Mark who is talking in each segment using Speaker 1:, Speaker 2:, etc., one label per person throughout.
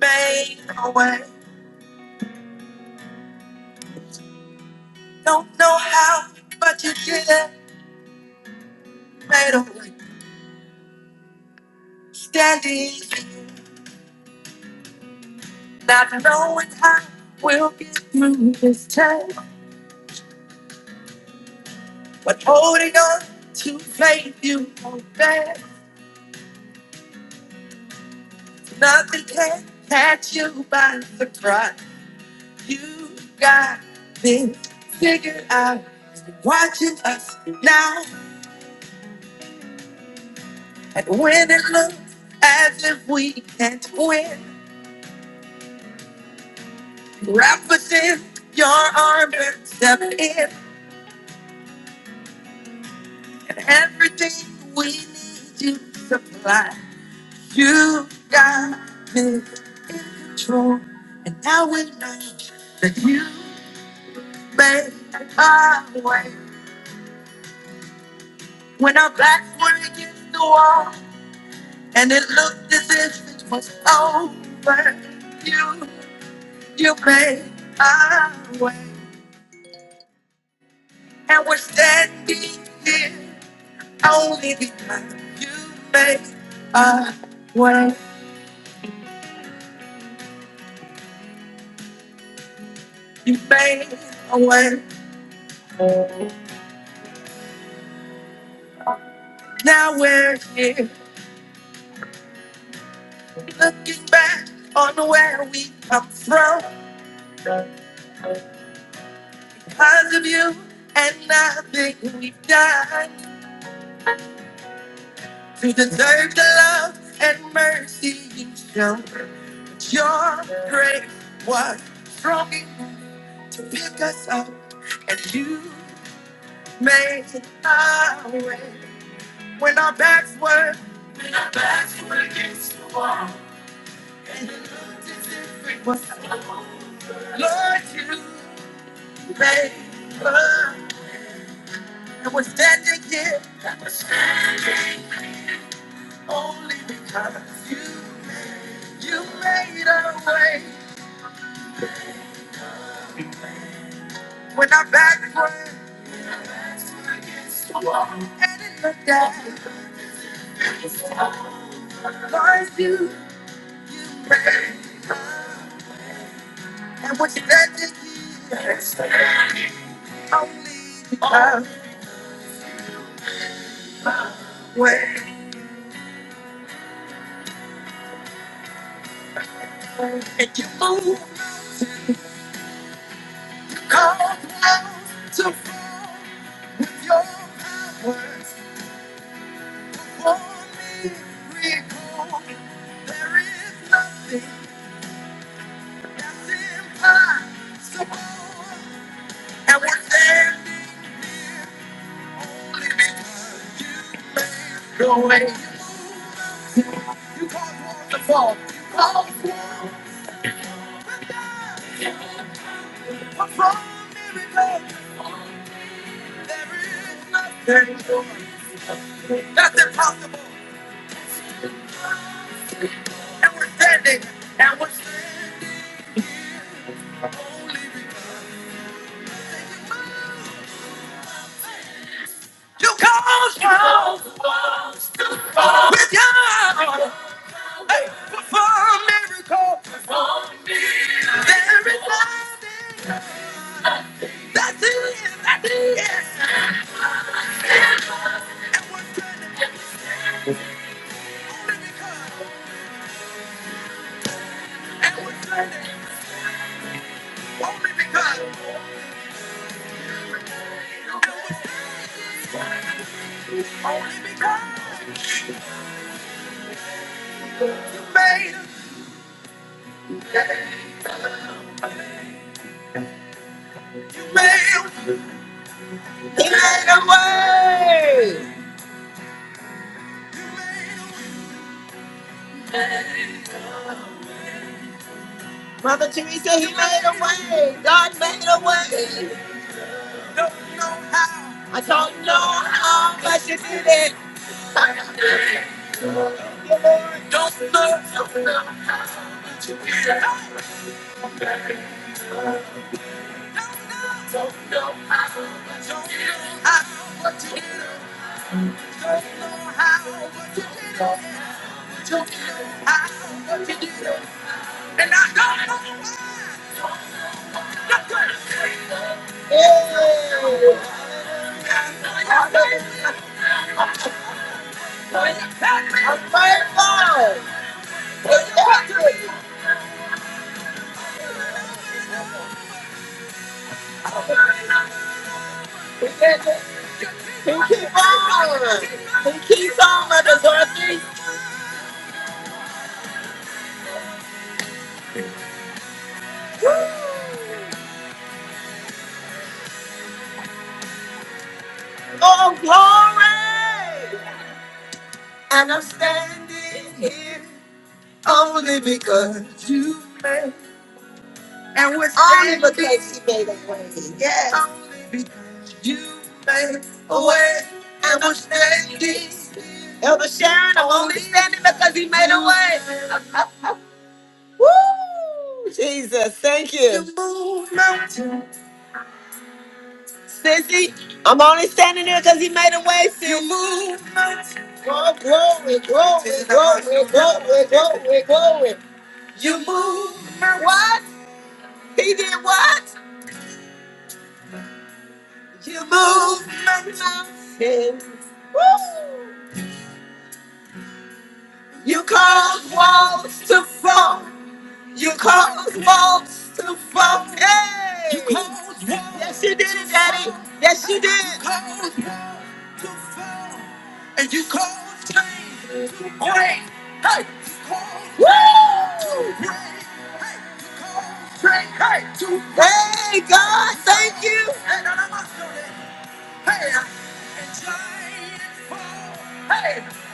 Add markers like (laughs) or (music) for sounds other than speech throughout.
Speaker 1: made a way. Don't know how, but you did it. Made a way. Standing, not knowing how we'll get through this time. But holding on to faith, you know that nothing can catch you by surprise. You got this figured out. Watching us now, and when it looks as if we can't win, wrap us in your arms and step in. Everything we need you supply. You got me in control. And now we know that you made a way. When our backs were against the wall and it looked as if it was over, you, you made a way. And we're standing here only because you made a way. You made a way. Now we're here, looking back on where we come from. Because of you and nothing we've done to deserve the love and mercy you show. Your grace was strong enough to pick us up, and you made our way when our backs were. Our backs were Lord, you made us, and we're standing here. Only because you, you made a way when I back for and it looked at was you and what you let me see. Only because when and you move, call down to prove your powers for me. Recall, there is nothing I support. And we're standing the way you call for the fall, you call for. There is nothing That's impossible. And we're standing. And we're standing. You cause us with your hey, to perform miracles. There is nothing. That's it. That's it. And we're standing only because. And we're standing only because. And we're standing only because you made, you made, you made a way. Mother Teresa, he made a way. God made a way. Don't know how. I don't know how, but you did it. Don't know. Don't know. Don't know how, but you did it. Don't know how, but you did it. How. And I don't know why. Yeah. I'm grateful. It's accurate. We can't just- keep on. keep on. Oh, glory! And I'm standing here only because you made And we're only standing because you made a way. Yes. Only because you made a way. And we're standing Elder Sharon, I'm only standing because he made a way. (laughs) Woo! Jesus, thank you. You move mountains. Sissy, I'm only standing there because he made a way for you. Move. Oh, glory, glory, glory, glory, glory, glory. You move. What? He did what? You move mountains. Woo! You caused walls to fall. You caused walls to fall. Hey! You caused walls Yes, you did it, Daddy. Yes, you did. You caused walls to fall. And you caused chains to break. Hey! You caused Woo! chains to break. Hey! You caused chains, hey, to break. Hey, God, thank you. Hey, now, now, now, now, Hey! and giants fall. Hey!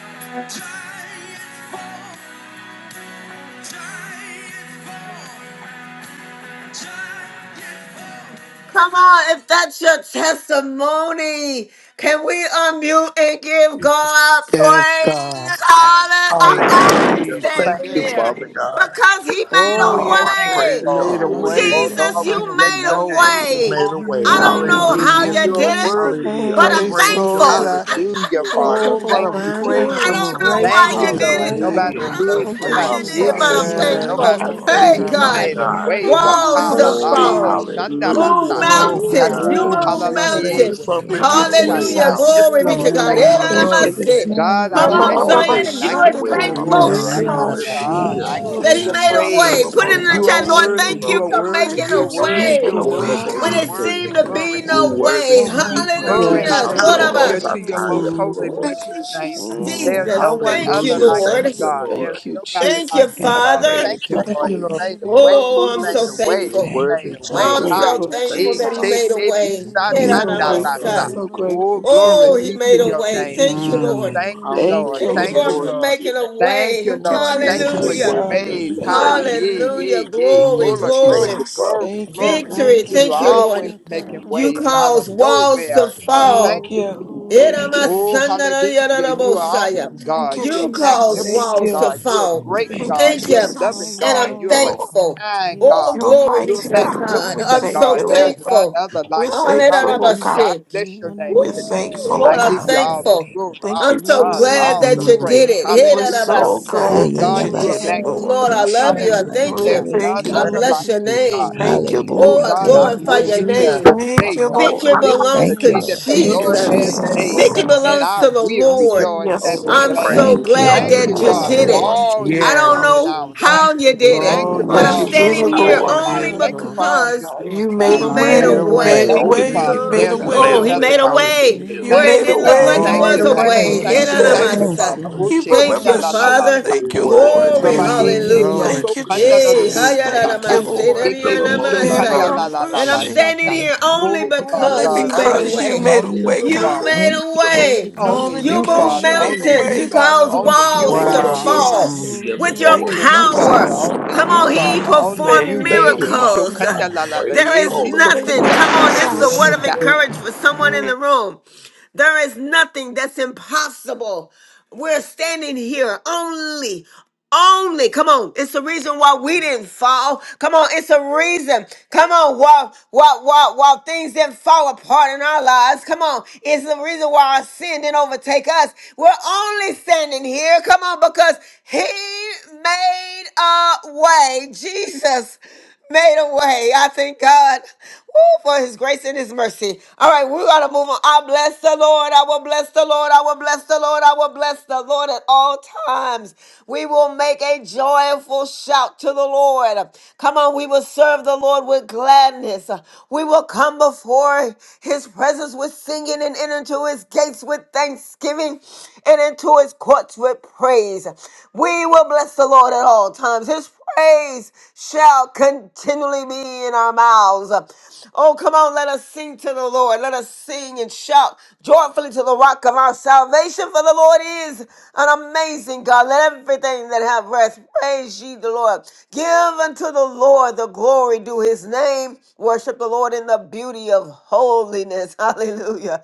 Speaker 1: Come on, if that's your testimony, can we unmute and give God
Speaker 2: Yes, God.
Speaker 1: praise? Hallelujah.
Speaker 2: Thank you,
Speaker 1: I'm
Speaker 3: Hallelujah.
Speaker 1: only
Speaker 4: Hallelujah.
Speaker 2: Jesus.
Speaker 4: Thank
Speaker 3: Thank
Speaker 1: standing
Speaker 4: you,
Speaker 2: Yes,
Speaker 3: you,
Speaker 1: here
Speaker 2: Lord.
Speaker 4: Father
Speaker 3: Jesus.
Speaker 4: God.
Speaker 3: Thank
Speaker 1: because he
Speaker 3: you,
Speaker 1: made a
Speaker 2: Oh,
Speaker 3: Jesus.
Speaker 5: Glory
Speaker 4: Oh,
Speaker 5: to
Speaker 4: I
Speaker 2: yes,
Speaker 3: Thank
Speaker 5: God.
Speaker 3: you,
Speaker 2: Lord.
Speaker 4: praise
Speaker 1: way.
Speaker 2: You
Speaker 4: your
Speaker 3: Lord.
Speaker 2: made a
Speaker 4: holy
Speaker 2: way
Speaker 3: Oh,
Speaker 6: Hallelujah.
Speaker 4: name.
Speaker 2: for
Speaker 1: Jesus,
Speaker 2: us.
Speaker 3: Lord,
Speaker 2: I
Speaker 5: Hallelujah.
Speaker 3: we
Speaker 1: you
Speaker 3: bless
Speaker 2: don't
Speaker 1: made a
Speaker 3: your
Speaker 2: know
Speaker 3: name.
Speaker 2: way,
Speaker 3: We
Speaker 4: You
Speaker 2: God.
Speaker 1: way.
Speaker 4: made a
Speaker 5: You made
Speaker 4: way.
Speaker 5: a
Speaker 1: I
Speaker 3: glorify
Speaker 1: don't
Speaker 5: way,
Speaker 2: We
Speaker 5: Lord.
Speaker 1: know
Speaker 2: give
Speaker 1: how
Speaker 4: Hallelujah.
Speaker 2: you
Speaker 3: you.
Speaker 1: you
Speaker 3: You
Speaker 1: did
Speaker 3: are
Speaker 1: it,
Speaker 5: Hallelujah.
Speaker 7: Awesome.
Speaker 3: worthy
Speaker 4: Hallelujah.
Speaker 3: to
Speaker 7: Thank you,
Speaker 4: I
Speaker 1: but I'm
Speaker 8: Hey,
Speaker 2: praise,
Speaker 3: be
Speaker 4: praise
Speaker 5: Don't
Speaker 3: praised.
Speaker 4: your
Speaker 5: know
Speaker 8: hey,
Speaker 2: glory,
Speaker 7: Jesus.
Speaker 5: how
Speaker 1: thankful. (laughs)
Speaker 2: and
Speaker 5: you
Speaker 4: holy
Speaker 2: I.
Speaker 5: did
Speaker 4: name.
Speaker 5: it.
Speaker 3: Hallelujah,
Speaker 4: You're
Speaker 7: Thank
Speaker 5: Did it,
Speaker 3: Father.
Speaker 7: you,
Speaker 4: worthy
Speaker 2: Oh,
Speaker 5: did it,
Speaker 2: but
Speaker 4: to
Speaker 3: Thank
Speaker 5: did
Speaker 4: be
Speaker 7: Lord.
Speaker 5: it.
Speaker 2: I'm
Speaker 3: you,
Speaker 5: but
Speaker 4: praised.
Speaker 5: see,
Speaker 8: Sandra,
Speaker 3: Jesus.
Speaker 1: I
Speaker 2: grateful,
Speaker 7: Glory
Speaker 8: I'm
Speaker 7: to
Speaker 1: don't
Speaker 2: Lord.
Speaker 7: your
Speaker 1: know why
Speaker 9: Yes,
Speaker 3: Thank
Speaker 5: You
Speaker 7: God.
Speaker 8: grateful.
Speaker 1: you
Speaker 3: you,
Speaker 8: I'm
Speaker 9: I
Speaker 1: did
Speaker 2: Jesus,
Speaker 1: it.
Speaker 3: Lord.
Speaker 5: made a
Speaker 9: am.
Speaker 2: thank
Speaker 8: grateful.
Speaker 3: Nobody
Speaker 2: you.
Speaker 4: Hallelujah.
Speaker 1: I
Speaker 5: way.
Speaker 2: I'm
Speaker 1: don't
Speaker 3: do
Speaker 2: so
Speaker 1: know
Speaker 3: it.
Speaker 4: Thank
Speaker 7: Thank
Speaker 4: you,
Speaker 7: you,
Speaker 1: how
Speaker 3: Nobody
Speaker 1: you
Speaker 5: Glory,
Speaker 4: Father
Speaker 2: grateful.
Speaker 1: did it,
Speaker 3: did
Speaker 4: God.
Speaker 3: it
Speaker 5: glory,
Speaker 1: but I'm
Speaker 7: Jesus.
Speaker 10: Mm,
Speaker 3: but you.
Speaker 5: glory,
Speaker 7: Thank
Speaker 2: Yes.
Speaker 1: thankful.
Speaker 3: Nobody
Speaker 7: you,
Speaker 4: I
Speaker 5: glory.
Speaker 3: can
Speaker 7: Lord.
Speaker 1: Hey,
Speaker 3: do
Speaker 4: thank you,
Speaker 3: it.
Speaker 9: You
Speaker 3: You
Speaker 4: Father
Speaker 9: made
Speaker 1: God,
Speaker 5: Hallelujah.
Speaker 3: made
Speaker 9: a
Speaker 3: a
Speaker 9: way.
Speaker 4: God.
Speaker 3: way,
Speaker 10: mm,
Speaker 3: God.
Speaker 7: Remember
Speaker 1: walls
Speaker 7: what
Speaker 3: Hala
Speaker 1: to
Speaker 8: Rababasuriandaramasandaramas-
Speaker 5: You
Speaker 3: la
Speaker 4: Oh,
Speaker 3: la
Speaker 5: made
Speaker 3: la
Speaker 5: a
Speaker 1: fall.
Speaker 7: shame.
Speaker 5: way,
Speaker 3: shanda
Speaker 1: Move
Speaker 9: I
Speaker 4: hallelujah.
Speaker 5: Jesus. Ah,
Speaker 9: don't
Speaker 11: Father,
Speaker 3: basata.
Speaker 2: Oh,
Speaker 9: know
Speaker 5: na,
Speaker 4: Thank you,
Speaker 9: how
Speaker 5: na,
Speaker 11: I
Speaker 5: na,
Speaker 9: you
Speaker 1: mountains.
Speaker 5: na,
Speaker 8: Thank
Speaker 11: thank
Speaker 2: God,
Speaker 5: na,
Speaker 9: did.
Speaker 1: You
Speaker 8: you,
Speaker 4: God.
Speaker 11: you
Speaker 9: it.
Speaker 3: Oh,
Speaker 5: na,
Speaker 2: we
Speaker 5: na.
Speaker 11: for
Speaker 1: move
Speaker 2: say
Speaker 11: making a
Speaker 8: Father.
Speaker 11: work
Speaker 4: Thank
Speaker 3: hallelujah,
Speaker 2: thank
Speaker 4: you
Speaker 1: mountains.
Speaker 11: way.
Speaker 9: You
Speaker 4: for
Speaker 2: you.
Speaker 9: did
Speaker 3: she
Speaker 9: it.
Speaker 7: Thank
Speaker 5: Yeah,
Speaker 7: you,
Speaker 4: making
Speaker 8: Thank
Speaker 5: na,
Speaker 4: a
Speaker 8: you,
Speaker 5: na, na,
Speaker 4: way.
Speaker 5: na,
Speaker 8: Lord.
Speaker 1: Hallelujah.
Speaker 5: na,
Speaker 11: Thank
Speaker 3: masanda.
Speaker 5: na,
Speaker 11: you,
Speaker 7: Jesus.
Speaker 3: Yes,
Speaker 1: Glory
Speaker 5: na, na,
Speaker 1: be
Speaker 2: In
Speaker 7: Thank
Speaker 1: to
Speaker 5: na,
Speaker 4: Hallelujah.
Speaker 11: Jesus.
Speaker 3: Lord.
Speaker 2: the
Speaker 7: you,
Speaker 5: na.
Speaker 1: God.
Speaker 3: Thank
Speaker 1: Eh,
Speaker 9: Thank
Speaker 3: you,
Speaker 1: la,
Speaker 2: name
Speaker 7: Lord.
Speaker 2: of
Speaker 1: la,
Speaker 9: you.
Speaker 8: Thank
Speaker 1: ma,
Speaker 5: Yes.
Speaker 3: Jesus.
Speaker 8: you
Speaker 11: Glory to
Speaker 2: Jesus.
Speaker 1: si.
Speaker 8: this
Speaker 11: your name.
Speaker 3: God,
Speaker 8: morning,
Speaker 3: I
Speaker 9: Thank
Speaker 1: Come
Speaker 5: Yeah,
Speaker 4: You
Speaker 9: you.
Speaker 7: Remember
Speaker 1: on,
Speaker 5: ma,
Speaker 3: bless
Speaker 5: na,
Speaker 8: Father.
Speaker 3: your
Speaker 5: na,
Speaker 7: what
Speaker 1: Zion.
Speaker 5: na,
Speaker 3: name.
Speaker 4: always
Speaker 1: If you
Speaker 3: I
Speaker 4: make
Speaker 5: na.
Speaker 7: shame.
Speaker 4: a
Speaker 1: are
Speaker 3: give
Speaker 5: Did
Speaker 3: you
Speaker 4: way,
Speaker 5: it, did
Speaker 7: Thank
Speaker 3: the
Speaker 11: Oh,
Speaker 2: Oh,
Speaker 5: it,
Speaker 4: Father
Speaker 2: In
Speaker 3: glory.
Speaker 5: oh,
Speaker 1: thankful
Speaker 2: the
Speaker 11: Father,
Speaker 5: she,
Speaker 3: I
Speaker 4: God.
Speaker 5: ah,
Speaker 3: give
Speaker 2: name
Speaker 5: da,
Speaker 11: God, I
Speaker 5: da,
Speaker 3: you
Speaker 5: da,
Speaker 3: the
Speaker 11: bow
Speaker 5: da, da,
Speaker 3: honor.
Speaker 4: Hallelujah.
Speaker 9: Hey, I
Speaker 5: did
Speaker 3: I
Speaker 1: woo,
Speaker 3: give
Speaker 7: you,
Speaker 5: it,
Speaker 1: that
Speaker 3: you
Speaker 1: he
Speaker 9: lost
Speaker 5: oh,
Speaker 3: the
Speaker 5: see.
Speaker 7: Jesus.
Speaker 1: made
Speaker 2: of
Speaker 1: a
Speaker 11: down
Speaker 8: Uriandarabasuriandaramas.
Speaker 3: praise.
Speaker 1: way,
Speaker 4: Chandela
Speaker 2: Jesus.
Speaker 1: put
Speaker 11: to
Speaker 1: it in
Speaker 11: you.
Speaker 1: the
Speaker 3: You
Speaker 5: You
Speaker 3: are
Speaker 1: chat. Lord,
Speaker 3: worthy.
Speaker 1: thank
Speaker 9: you.
Speaker 5: made
Speaker 3: You
Speaker 1: you
Speaker 5: a
Speaker 3: are
Speaker 1: for
Speaker 2: Yes.
Speaker 5: way,
Speaker 3: worthy.
Speaker 1: making
Speaker 7: Thank
Speaker 3: You're
Speaker 1: a
Speaker 7: you
Speaker 5: God.
Speaker 7: for
Speaker 2: Mm,
Speaker 3: worthy.
Speaker 7: making
Speaker 8: Thank
Speaker 1: way
Speaker 3: You're
Speaker 7: a
Speaker 8: you,
Speaker 5: Yeah, da,
Speaker 7: way,
Speaker 5: da, da,
Speaker 3: worthy.
Speaker 5: da,
Speaker 1: when
Speaker 3: You're
Speaker 7: God.
Speaker 5: da,
Speaker 8: Father.
Speaker 1: it
Speaker 5: da, da,
Speaker 4: Yelobosite,
Speaker 3: worthy.
Speaker 1: seemed
Speaker 5: da,
Speaker 1: to
Speaker 5: da.
Speaker 1: be
Speaker 3: Glory.
Speaker 4: you're
Speaker 1: no
Speaker 8: I'm
Speaker 4: worthy
Speaker 1: way.
Speaker 8: so
Speaker 3: Hallelujah.
Speaker 9: Yeah.
Speaker 4: to
Speaker 9: Mm.
Speaker 4: be
Speaker 5: Ooh,
Speaker 8: grateful
Speaker 5: pa ra
Speaker 8: to
Speaker 4: praised.
Speaker 5: ra
Speaker 3: Glory.
Speaker 5: ra
Speaker 8: you,
Speaker 2: yes.
Speaker 5: ra,
Speaker 1: Hallelujah.
Speaker 8: my
Speaker 5: pa
Speaker 1: Glory to
Speaker 5: sha ya
Speaker 3: Hallelujah
Speaker 8: Lord.
Speaker 1: God.
Speaker 5: ra
Speaker 3: to
Speaker 5: ra
Speaker 3: your
Speaker 5: ra ra
Speaker 4: Shandalobosataya,
Speaker 3: most
Speaker 5: ra,
Speaker 2: Mm,
Speaker 3: holy,
Speaker 4: Lorobos.
Speaker 7: Thank
Speaker 3: precious
Speaker 7: you,
Speaker 3: name.
Speaker 5: ye ra ra
Speaker 7: Jesus.
Speaker 3: There's
Speaker 8: Mm,
Speaker 5: ra ra
Speaker 3: no
Speaker 1: Jesus,
Speaker 5: ra,
Speaker 3: one
Speaker 7: Thank
Speaker 9: mm.
Speaker 1: thank
Speaker 7: you,
Speaker 5: ri
Speaker 1: you,
Speaker 5: ya
Speaker 3: other
Speaker 4: Hallelujah.
Speaker 5: ra
Speaker 3: like
Speaker 5: ra ra
Speaker 1: Lord.
Speaker 5: ra
Speaker 3: you,
Speaker 4: Thank
Speaker 5: ra,
Speaker 4: you,
Speaker 7: Jesus.
Speaker 5: pa
Speaker 3: God.
Speaker 5: sha.
Speaker 4: Lord.
Speaker 3: There's
Speaker 8: thank you,
Speaker 3: nobody
Speaker 1: Thank you,
Speaker 3: like
Speaker 8: Jesus.
Speaker 3: you,
Speaker 4: I
Speaker 9: Thank
Speaker 3: God.
Speaker 9: you, Lord.
Speaker 1: Father.
Speaker 3: Thank
Speaker 7: Thank
Speaker 4: praise
Speaker 3: you,
Speaker 7: you,
Speaker 5: Get
Speaker 4: your
Speaker 9: Thank
Speaker 5: it,
Speaker 11: Thank
Speaker 7: Lord.
Speaker 3: Lord.
Speaker 11: you,
Speaker 9: you,
Speaker 4: holy
Speaker 3: You
Speaker 11: Lord.
Speaker 5: ye
Speaker 4: name.
Speaker 9: Jesus.
Speaker 5: ra
Speaker 3: made a
Speaker 5: ra ra
Speaker 3: way.
Speaker 5: ra
Speaker 7: Remember
Speaker 3: You
Speaker 1: Oh, I'm
Speaker 5: ra
Speaker 7: what
Speaker 3: made
Speaker 1: so
Speaker 3: a
Speaker 5: ra ra
Speaker 3: way.
Speaker 5: ra,
Speaker 7: shame.
Speaker 4: You're
Speaker 3: You
Speaker 1: thankful.
Speaker 9: Thank
Speaker 3: made
Speaker 9: you,
Speaker 4: worthy
Speaker 3: a
Speaker 9: Lord.
Speaker 8: I'm
Speaker 4: to
Speaker 3: way.
Speaker 4: be
Speaker 1: I'm
Speaker 3: Ha.
Speaker 1: so
Speaker 7: Thank
Speaker 8: grateful.
Speaker 4: praised.
Speaker 7: you,
Speaker 5: che
Speaker 4: Thank
Speaker 1: thankful
Speaker 3: Eh,
Speaker 4: you,
Speaker 5: ra
Speaker 1: that He
Speaker 5: pa ra
Speaker 4: Father.
Speaker 1: made
Speaker 5: ra
Speaker 7: Jesus.
Speaker 1: a
Speaker 5: ra
Speaker 3: sheke
Speaker 5: ra ra ra
Speaker 1: way.
Speaker 3: busa
Speaker 8: I'm
Speaker 1: Get
Speaker 9: You
Speaker 1: out
Speaker 8: so
Speaker 1: of
Speaker 9: made
Speaker 3: tanda
Speaker 5: ra
Speaker 1: my
Speaker 9: a
Speaker 5: ra, pa
Speaker 9: way.
Speaker 8: grateful,
Speaker 5: sha
Speaker 3: basa.
Speaker 1: sight.
Speaker 5: ya ra
Speaker 8: so
Speaker 4: Hallelujah.
Speaker 5: ra ra
Speaker 3: Oh,
Speaker 8: grateful, so
Speaker 5: ra,
Speaker 3: glory
Speaker 1: Oh, He
Speaker 3: be
Speaker 7: Thank
Speaker 8: grateful.
Speaker 3: to
Speaker 1: made
Speaker 7: you.
Speaker 1: a
Speaker 9: It
Speaker 3: your
Speaker 7: Lord.
Speaker 1: way.
Speaker 9: did.
Speaker 3: name,
Speaker 5: ye
Speaker 1: Thank you,
Speaker 5: na
Speaker 4: Ooh,
Speaker 9: It
Speaker 5: ma
Speaker 3: Jesus.
Speaker 5: na
Speaker 1: Lord.
Speaker 5: na
Speaker 9: came.
Speaker 3: Thank
Speaker 5: na
Speaker 3: you,
Speaker 5: na, pa
Speaker 8: Thank
Speaker 3: Lord.
Speaker 8: you,
Speaker 1: Thank
Speaker 10: mm.
Speaker 4: Hallelujah.
Speaker 1: you,
Speaker 7: Thank
Speaker 5: sha
Speaker 3: Thank
Speaker 7: you,
Speaker 5: da
Speaker 8: Lord.
Speaker 1: Lord,
Speaker 3: you,
Speaker 5: ra
Speaker 4: Glory
Speaker 1: for
Speaker 7: Jesus.
Speaker 5: ra ra,
Speaker 3: Lord.
Speaker 4: to
Speaker 1: making
Speaker 4: your name.
Speaker 1: a
Speaker 3: Thank you,
Speaker 1: way.
Speaker 7: Thank you,
Speaker 5: ko
Speaker 3: Lord.
Speaker 5: ra ra ra
Speaker 4: You're
Speaker 3: Thank
Speaker 8: Thank
Speaker 3: you
Speaker 5: ra
Speaker 8: you,
Speaker 3: for
Speaker 5: ra
Speaker 4: so
Speaker 5: ra
Speaker 3: your
Speaker 7: Jesus.
Speaker 1: Hallelujah.
Speaker 5: ra,
Speaker 4: worthy to
Speaker 8: Father.
Speaker 9: Hallelujah.
Speaker 5: pa
Speaker 3: ways.
Speaker 4: be
Speaker 9: Thank
Speaker 5: sha
Speaker 8: Thank
Speaker 9: you,
Speaker 3: Ha.
Speaker 5: ya ra
Speaker 4: praised.
Speaker 8: you.
Speaker 9: Jesus.
Speaker 5: ra ra
Speaker 3: Yeah,
Speaker 5: ra,
Speaker 1: Hallelujah.
Speaker 3: yeah, yeah.
Speaker 1: Glory,
Speaker 3: Glory,
Speaker 4: Thank
Speaker 1: glory.
Speaker 3: glory,
Speaker 4: you,
Speaker 3: glory,
Speaker 4: Father.
Speaker 8: Thank you.
Speaker 5: get
Speaker 3: glory.
Speaker 5: a pa
Speaker 1: Victory.
Speaker 8: Thank
Speaker 5: da
Speaker 8: you.
Speaker 3: You
Speaker 5: la
Speaker 1: Thank
Speaker 3: are
Speaker 1: you,
Speaker 5: pa
Speaker 8: Thank
Speaker 5: sha
Speaker 1: Lord.
Speaker 8: you.
Speaker 3: always
Speaker 5: ta da
Speaker 3: making
Speaker 5: da da
Speaker 1: You
Speaker 5: da,
Speaker 3: ways
Speaker 5: pa
Speaker 3: out of
Speaker 1: cause
Speaker 5: sha.
Speaker 1: walls to
Speaker 3: nowhere, Lord.
Speaker 8: Thank
Speaker 3: Thank
Speaker 1: fall.
Speaker 3: you,
Speaker 5: Glory,
Speaker 8: you.
Speaker 3: Jesus.
Speaker 5: glory,
Speaker 8: Thank
Speaker 9: Thank
Speaker 8: you.
Speaker 9: you,
Speaker 3: Oh,
Speaker 5: glory.
Speaker 9: Jesus.
Speaker 3: hallelujah. You are
Speaker 1: Eramasandarayanarabosaya.
Speaker 3: awesome,
Speaker 5: Hallelujah,
Speaker 7: Thank
Speaker 3: God.
Speaker 7: you, Jesus. Thank you,
Speaker 5: yeah,
Speaker 3: You are
Speaker 1: You
Speaker 5: glory,
Speaker 1: cause
Speaker 8: Thank
Speaker 7: Jesus.
Speaker 3: magnificent,
Speaker 5: hallelujah.
Speaker 1: walls to
Speaker 8: you.
Speaker 3: God.
Speaker 5: Dios.
Speaker 3: You are
Speaker 1: fall.
Speaker 3: great,
Speaker 9: Thank
Speaker 8: Thank
Speaker 7: Thank
Speaker 9: you.
Speaker 7: you,
Speaker 3: God.
Speaker 1: Thank
Speaker 3: You
Speaker 8: you.
Speaker 3: are
Speaker 5: You
Speaker 1: you.
Speaker 5: call
Speaker 3: loving,
Speaker 1: And
Speaker 7: Jesus.
Speaker 3: God.
Speaker 1: I'm
Speaker 7: Thank
Speaker 3: You are
Speaker 7: you,
Speaker 5: walls to
Speaker 7: Lord.
Speaker 1: thankful.
Speaker 5: fall,
Speaker 3: kind,
Speaker 5: yeah,
Speaker 1: Oh,
Speaker 3: God.
Speaker 7: You're
Speaker 5: God.
Speaker 1: glory be
Speaker 3: You are
Speaker 7: almighty
Speaker 1: to
Speaker 7: God.
Speaker 1: God.
Speaker 7: We
Speaker 1: I'm
Speaker 3: magnificent,
Speaker 7: thank
Speaker 1: so
Speaker 7: you,
Speaker 3: God. There's
Speaker 7: Lord.
Speaker 3: none
Speaker 1: thankful.
Speaker 3: other
Speaker 7: We're
Speaker 3: like you.
Speaker 7: thankful, oh
Speaker 3: Hallelujah.
Speaker 7: God.
Speaker 3: I
Speaker 1: Hallelujah.
Speaker 5: Yeah,
Speaker 3: bless your name
Speaker 1: Woo,
Speaker 7: We're
Speaker 3: today.
Speaker 9: For
Speaker 7: thankful, oh
Speaker 1: Lord,
Speaker 3: I
Speaker 9: you
Speaker 1: I'm
Speaker 7: God.
Speaker 3: give
Speaker 9: are
Speaker 3: you
Speaker 5: manananididididiosi,
Speaker 3: all the
Speaker 1: thankful.
Speaker 9: worthy,
Speaker 5: andaka.
Speaker 3: glory,
Speaker 9: oh God.
Speaker 7: Thank
Speaker 3: all
Speaker 1: I'm
Speaker 7: you,
Speaker 3: the
Speaker 1: so
Speaker 9: Yeah,
Speaker 3: honor,
Speaker 9: yeah,
Speaker 1: glad
Speaker 5: Glory,
Speaker 9: yeah.
Speaker 7: Jesus.
Speaker 3: all
Speaker 1: that
Speaker 3: the
Speaker 1: you did
Speaker 5: glory,
Speaker 3: praise.
Speaker 2: mm.
Speaker 1: it.
Speaker 7: We're
Speaker 5: glory,
Speaker 3: Hallelujah.
Speaker 7: so
Speaker 1: Hallelujah.
Speaker 9: Yeah,
Speaker 3: Oh,
Speaker 7: glad
Speaker 9: yeah,
Speaker 7: that
Speaker 9: yeah,
Speaker 3: God,
Speaker 7: you
Speaker 1: Woo,
Speaker 5: glory,
Speaker 3: you are
Speaker 7: did
Speaker 9: but you,
Speaker 7: it,
Speaker 9: Of
Speaker 7: Lord.
Speaker 1: Lord, I
Speaker 5: hallelujah.
Speaker 3: magnificent.
Speaker 9: course, you
Speaker 1: love
Speaker 5: Thank
Speaker 11: Thank
Speaker 1: you.
Speaker 5: you,
Speaker 1: I
Speaker 11: you,
Speaker 9: are
Speaker 3: Hallelujah.
Speaker 11: Lord
Speaker 1: thank
Speaker 5: Lord.
Speaker 7: We
Speaker 11: God.
Speaker 3: There's
Speaker 1: you.
Speaker 3: none
Speaker 7: thank,
Speaker 1: I
Speaker 9: worthy.
Speaker 3: other
Speaker 11: Thank
Speaker 5: Glory,
Speaker 11: you,
Speaker 1: bless
Speaker 3: like
Speaker 1: your
Speaker 3: you,
Speaker 11: Jesus.
Speaker 5: glory,
Speaker 1: name.
Speaker 3: God. Oh,
Speaker 7: thank you,
Speaker 5: glory.
Speaker 3: oh
Speaker 1: Oh,
Speaker 9: Hallelujah.
Speaker 7: Lord.
Speaker 1: I
Speaker 3: God,
Speaker 11: Thank
Speaker 3: I
Speaker 11: you.
Speaker 5: Thank you,
Speaker 9: Glory
Speaker 1: glorify
Speaker 9: be
Speaker 1: your
Speaker 9: to
Speaker 3: worship
Speaker 9: God.
Speaker 7: We
Speaker 3: you
Speaker 11: Hallelujah.
Speaker 5: Jesus.
Speaker 1: name.
Speaker 7: thank
Speaker 3: today,
Speaker 7: you,
Speaker 3: God,
Speaker 5: Bless
Speaker 3: for
Speaker 5: your
Speaker 1: Victory
Speaker 7: Lord.
Speaker 3: this
Speaker 4: Hallelujah.
Speaker 3: is
Speaker 5: holy
Speaker 1: belongs
Speaker 3: the
Speaker 9: Thank
Speaker 1: to
Speaker 9: you,
Speaker 3: day
Speaker 5: name,
Speaker 3: that
Speaker 9: Lord.
Speaker 3: the
Speaker 5: God.
Speaker 7: Thank
Speaker 9: Thank
Speaker 7: you,
Speaker 9: you,
Speaker 11: Glory
Speaker 3: Lord
Speaker 11: to
Speaker 1: Jesus.
Speaker 11: your
Speaker 3: has
Speaker 9: Jesus.
Speaker 11: name,
Speaker 3: made
Speaker 11: oh
Speaker 7: Jesus.
Speaker 1: Victory
Speaker 11: God.
Speaker 3: and
Speaker 1: belongs
Speaker 5: Thank
Speaker 3: I
Speaker 5: you,
Speaker 1: to the
Speaker 5: God.
Speaker 3: will
Speaker 1: Lord.
Speaker 3: rejoice
Speaker 5: Hallelujah.
Speaker 7: Yes,
Speaker 3: and be
Speaker 4: Oh, I
Speaker 1: I'm
Speaker 3: glad
Speaker 7: Lord.
Speaker 3: in
Speaker 1: so
Speaker 9: Thank
Speaker 3: it.
Speaker 4: praise
Speaker 9: you.
Speaker 4: your
Speaker 1: glad
Speaker 3: Thank you,
Speaker 1: that
Speaker 11: Hallelujah.
Speaker 1: you
Speaker 9: Hallelujah.
Speaker 4: holy
Speaker 7: Yes,
Speaker 5: Hallelujah.
Speaker 3: God, for
Speaker 1: did
Speaker 9: Glory
Speaker 1: it.
Speaker 7: Lord.
Speaker 9: be
Speaker 4: name.
Speaker 9: to
Speaker 3: all
Speaker 5: Thank
Speaker 9: God.
Speaker 3: you're
Speaker 1: I
Speaker 5: you,
Speaker 1: don't
Speaker 3: doing
Speaker 5: Father
Speaker 4: Hallelujah.
Speaker 3: in
Speaker 2: Yes.
Speaker 1: know
Speaker 5: God.
Speaker 3: our life.
Speaker 11: Thank
Speaker 1: how you
Speaker 11: you,
Speaker 1: did
Speaker 11: Lord.
Speaker 4: Thank
Speaker 1: it,
Speaker 4: you,
Speaker 3: Thank
Speaker 2: Oh,
Speaker 3: you
Speaker 5: Yay,
Speaker 3: for
Speaker 4: Father
Speaker 1: but I'm
Speaker 7: But you
Speaker 3: all
Speaker 2: yes,
Speaker 9: Thank you,
Speaker 5: glory
Speaker 3: you're
Speaker 4: God.
Speaker 7: did
Speaker 9: Jesus.
Speaker 1: standing
Speaker 5: to
Speaker 7: it,
Speaker 2: Lord.
Speaker 4: I
Speaker 3: doing in
Speaker 1: here
Speaker 5: God.
Speaker 2: But
Speaker 3: my
Speaker 2: you
Speaker 7: Lord.
Speaker 9: Thank
Speaker 3: life.
Speaker 2: did
Speaker 1: only
Speaker 2: it,
Speaker 9: you,
Speaker 3: Thank you
Speaker 9: Lord.
Speaker 3: for
Speaker 2: Lord.
Speaker 3: all
Speaker 5: Hallelujah.
Speaker 3: you're
Speaker 1: because
Speaker 3: doing
Speaker 7: You
Speaker 3: in
Speaker 7: made
Speaker 3: our
Speaker 1: he
Speaker 5: Yay,
Speaker 7: a
Speaker 2: You
Speaker 11: You
Speaker 3: life.
Speaker 5: God.
Speaker 1: made a
Speaker 7: way.
Speaker 2: made a
Speaker 11: made a
Speaker 7: You
Speaker 2: way,
Speaker 7: made
Speaker 11: way.
Speaker 7: a
Speaker 1: way.
Speaker 3: Thank
Speaker 5: Woo,
Speaker 2: God.
Speaker 4: Only
Speaker 3: you,
Speaker 7: way.
Speaker 5: you
Speaker 7: You
Speaker 2: Yes,
Speaker 3: Father.
Speaker 9: Mm.
Speaker 5: made a
Speaker 7: made
Speaker 4: because
Speaker 7: a
Speaker 2: that's
Speaker 3: There's
Speaker 5: way,
Speaker 2: a
Speaker 4: you
Speaker 3: no
Speaker 4: made
Speaker 5: Lord.
Speaker 1: Oh,
Speaker 7: way.
Speaker 4: a
Speaker 3: one
Speaker 2: lot
Speaker 1: he
Speaker 3: other
Speaker 4: way.
Speaker 1: made a
Speaker 2: about
Speaker 3: like
Speaker 2: you.
Speaker 3: you.
Speaker 5: You
Speaker 1: way
Speaker 5: made
Speaker 4: Hallelujah.
Speaker 5: a
Speaker 7: You
Speaker 1: where
Speaker 4: Thank
Speaker 3: Thank
Speaker 1: it
Speaker 5: way,
Speaker 7: made
Speaker 4: you,
Speaker 3: you,
Speaker 7: a
Speaker 1: didn't look
Speaker 3: God.
Speaker 5: Lord.
Speaker 4: God.
Speaker 11: You
Speaker 1: like
Speaker 7: way. (laughs)
Speaker 1: it
Speaker 3: Thank
Speaker 2: Oh,
Speaker 11: made
Speaker 3: you,
Speaker 1: was
Speaker 11: a
Speaker 1: a
Speaker 3: thank
Speaker 2: yes,
Speaker 3: you,
Speaker 9: Thank
Speaker 11: way.
Speaker 1: way.
Speaker 2: Lord.
Speaker 5: Glory,
Speaker 3: thank
Speaker 4: I
Speaker 11: You
Speaker 9: you.
Speaker 2: It
Speaker 3: you,
Speaker 5: glory,
Speaker 11: made
Speaker 2: got
Speaker 3: thank
Speaker 11: a way.
Speaker 2: so
Speaker 4: praise
Speaker 5: glory.
Speaker 3: you,
Speaker 10: Yes,
Speaker 2: that
Speaker 4: your
Speaker 1: Hiranamasa.
Speaker 3: Father.
Speaker 10: Lord.
Speaker 4: holy
Speaker 1: Thank
Speaker 4: name.
Speaker 3: Hoshekinda
Speaker 1: you,
Speaker 3: la
Speaker 2: push.
Speaker 3: la la
Speaker 1: Father.
Speaker 5: Hallelujah.
Speaker 7: Thank
Speaker 4: You're
Speaker 7: you,
Speaker 3: sata.
Speaker 9: Thank you,
Speaker 4: worthy
Speaker 7: Lord.
Speaker 4: to be
Speaker 1: Glory,
Speaker 9: Lord.
Speaker 5: Thank you,
Speaker 2: Mm,
Speaker 3: Ulabayeke
Speaker 4: praised.
Speaker 5: Jesus.
Speaker 1: hallelujah.
Speaker 9: Hallelujah.
Speaker 2: glory
Speaker 3: buto
Speaker 7: Thank
Speaker 2: to
Speaker 7: you,
Speaker 4: Hallelujah.
Speaker 3: kanda
Speaker 2: God.
Speaker 3: la do
Speaker 1: Hey,
Speaker 2: Yes,
Speaker 7: Jesus.
Speaker 3: do
Speaker 2: I
Speaker 4: It
Speaker 7: Thank
Speaker 3: shata.
Speaker 7: you,
Speaker 1: hayaranamase,
Speaker 5: Thank you,
Speaker 4: gets
Speaker 2: believe
Speaker 7: Lord.
Speaker 5: Father
Speaker 4: the
Speaker 2: that.
Speaker 5: God.
Speaker 3: Yeke
Speaker 4: little
Speaker 9: Thank
Speaker 3: busho
Speaker 4: most I
Speaker 5: Thank
Speaker 9: you,
Speaker 5: you,
Speaker 3: kanda
Speaker 1: dadianamasaya.
Speaker 3: la
Speaker 5: mighty God.
Speaker 4: I
Speaker 3: la la
Speaker 4: love.
Speaker 1: and I'm
Speaker 3: la
Speaker 2: Mm.
Speaker 1: standing
Speaker 3: shata.
Speaker 9: Lord.
Speaker 1: here only
Speaker 3: Oh,
Speaker 5: Thank you,
Speaker 3: God,
Speaker 5: Father
Speaker 7: Only
Speaker 1: because
Speaker 4: Oh,
Speaker 3: God,
Speaker 1: you
Speaker 5: God.
Speaker 4: the
Speaker 1: made a
Speaker 3: only
Speaker 7: because
Speaker 4: most
Speaker 7: you
Speaker 3: you,
Speaker 1: way.
Speaker 9: Of
Speaker 7: made
Speaker 5: Hallelujah.
Speaker 7: a
Speaker 3: only
Speaker 4: you love,
Speaker 9: you,
Speaker 7: way,
Speaker 3: you,
Speaker 4: the
Speaker 7: God.
Speaker 1: You
Speaker 9: God,
Speaker 3: Father.
Speaker 1: made
Speaker 4: most
Speaker 9: only
Speaker 1: a
Speaker 4: the
Speaker 9: because
Speaker 5: Only
Speaker 9: of
Speaker 1: way.
Speaker 5: because
Speaker 4: most
Speaker 9: you.
Speaker 3: Only
Speaker 7: Only
Speaker 5: you
Speaker 4: I
Speaker 1: You
Speaker 3: you,
Speaker 5: made
Speaker 4: I
Speaker 5: a
Speaker 4: love.
Speaker 7: because
Speaker 1: moved
Speaker 3: Father.
Speaker 7: you
Speaker 5: way.
Speaker 7: made a
Speaker 3: Only
Speaker 1: mountains.
Speaker 3: you,
Speaker 1: You
Speaker 7: way.
Speaker 3: Father.
Speaker 1: caused
Speaker 5: Hallelujah.
Speaker 3: Only
Speaker 9: Yes,
Speaker 3: you,
Speaker 1: walls
Speaker 9: Lord.
Speaker 7: Thank
Speaker 4: Oh,
Speaker 1: to
Speaker 7: you,
Speaker 3: Father.
Speaker 4: the
Speaker 9: Yes,
Speaker 2: Wow.
Speaker 9: Lord.
Speaker 4: most
Speaker 5: Mm,
Speaker 1: fall
Speaker 7: Jesus.
Speaker 4: you
Speaker 2: Mm.
Speaker 5: glory,
Speaker 9: Yes,
Speaker 4: love,
Speaker 1: with
Speaker 9: Lord.
Speaker 4: the
Speaker 5: glory,
Speaker 1: your
Speaker 7: Thank
Speaker 3: Only
Speaker 7: you,
Speaker 4: most
Speaker 3: you,
Speaker 4: I
Speaker 5: glory.
Speaker 1: power.
Speaker 3: Father.
Speaker 7: Jesus.
Speaker 3: Only
Speaker 4: love.
Speaker 1: Come
Speaker 3: you,
Speaker 1: on, he
Speaker 3: Father.
Speaker 9: Ah,
Speaker 3: Only
Speaker 9: yeah, Lord.
Speaker 1: performed
Speaker 3: you.
Speaker 5: Yididididididiosi,
Speaker 7: Thank you,
Speaker 3: Hey,
Speaker 4: Thank you,
Speaker 3: he
Speaker 4: Father
Speaker 9: Yes,
Speaker 3: so
Speaker 7: Lord.
Speaker 5: yadadadidiosi.
Speaker 1: miracles.
Speaker 4: God.
Speaker 3: kunda la
Speaker 9: Lord.
Speaker 3: la la.
Speaker 4: Praise the
Speaker 1: There is
Speaker 3: Yes, he
Speaker 4: Holy
Speaker 3: so
Speaker 4: Name.
Speaker 7: Thank
Speaker 1: nothing.
Speaker 7: you,
Speaker 3: kunda
Speaker 1: Come
Speaker 3: la
Speaker 1: on,
Speaker 5: Glory,
Speaker 1: this is
Speaker 3: la
Speaker 1: a
Speaker 11: Perform
Speaker 1: word
Speaker 11: a
Speaker 7: Jesus.
Speaker 9: Mm.
Speaker 1: of
Speaker 3: la.
Speaker 1: encouragement for
Speaker 11: miracle.
Speaker 9: mm.
Speaker 1: someone in
Speaker 5: glory.
Speaker 1: the room. There is nothing that's impossible. We're standing here only. Only, come on, it's the reason why we didn't fall. Come on, it's a reason. Come on, while while while while things didn't fall apart in our lives. Come on, it's the reason why our sin didn't overtake us. We're only standing here. Come on, because He made a way. Jesus made a way. I thank God woo, for his grace and his mercy. All right, we're going to move on. I bless the Lord. I will bless the Lord. I will bless the Lord. I will bless the Lord at all times. We will make a joyful shout to the Lord. Come on, we will serve the Lord with gladness. We will come before his presence with singing and enter into his gates with thanksgiving and into his courts with praise. We will bless the Lord at all times. His praise shall continually be in our mouths. Oh, come on, let us sing to the Lord. Let us sing and shout joyfully to the rock of our salvation, for the Lord is an amazing God. Let everything that have breath praise ye the Lord. Give unto the Lord the glory due his name. Worship the Lord in the beauty of holiness. (laughs) Hallelujah.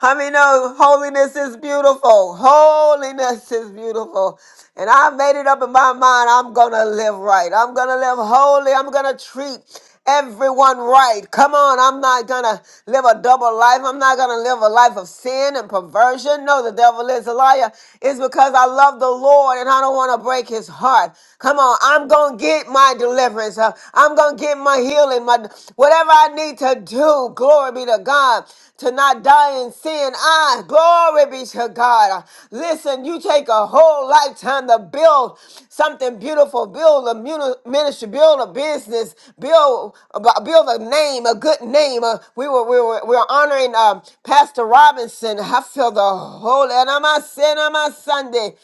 Speaker 1: I mean, no, holiness is beautiful. Holiness is beautiful. And I made it up in my mind I'm going to live right. I'm going to live holy. I'm going to treat everyone right. Come on, I'm not going to live a double life. I'm not going to live a life of sin and perversion. No, the devil is a liar. It's because I love the Lord and I don't want to break his heart. Come on, I'm going to get my deliverance. Uh, I'm going to get my healing, my whatever I need to do. Glory be to God. To not die in sin. I, glory be to God. Uh, Listen, you take a whole lifetime to build something beautiful, build a muni- ministry, build a business, build uh, build a name, a good name. Uh, we were we were we were honoring um, Pastor Robinson. I feel the whole and I'm a sin, I'm a Sunday.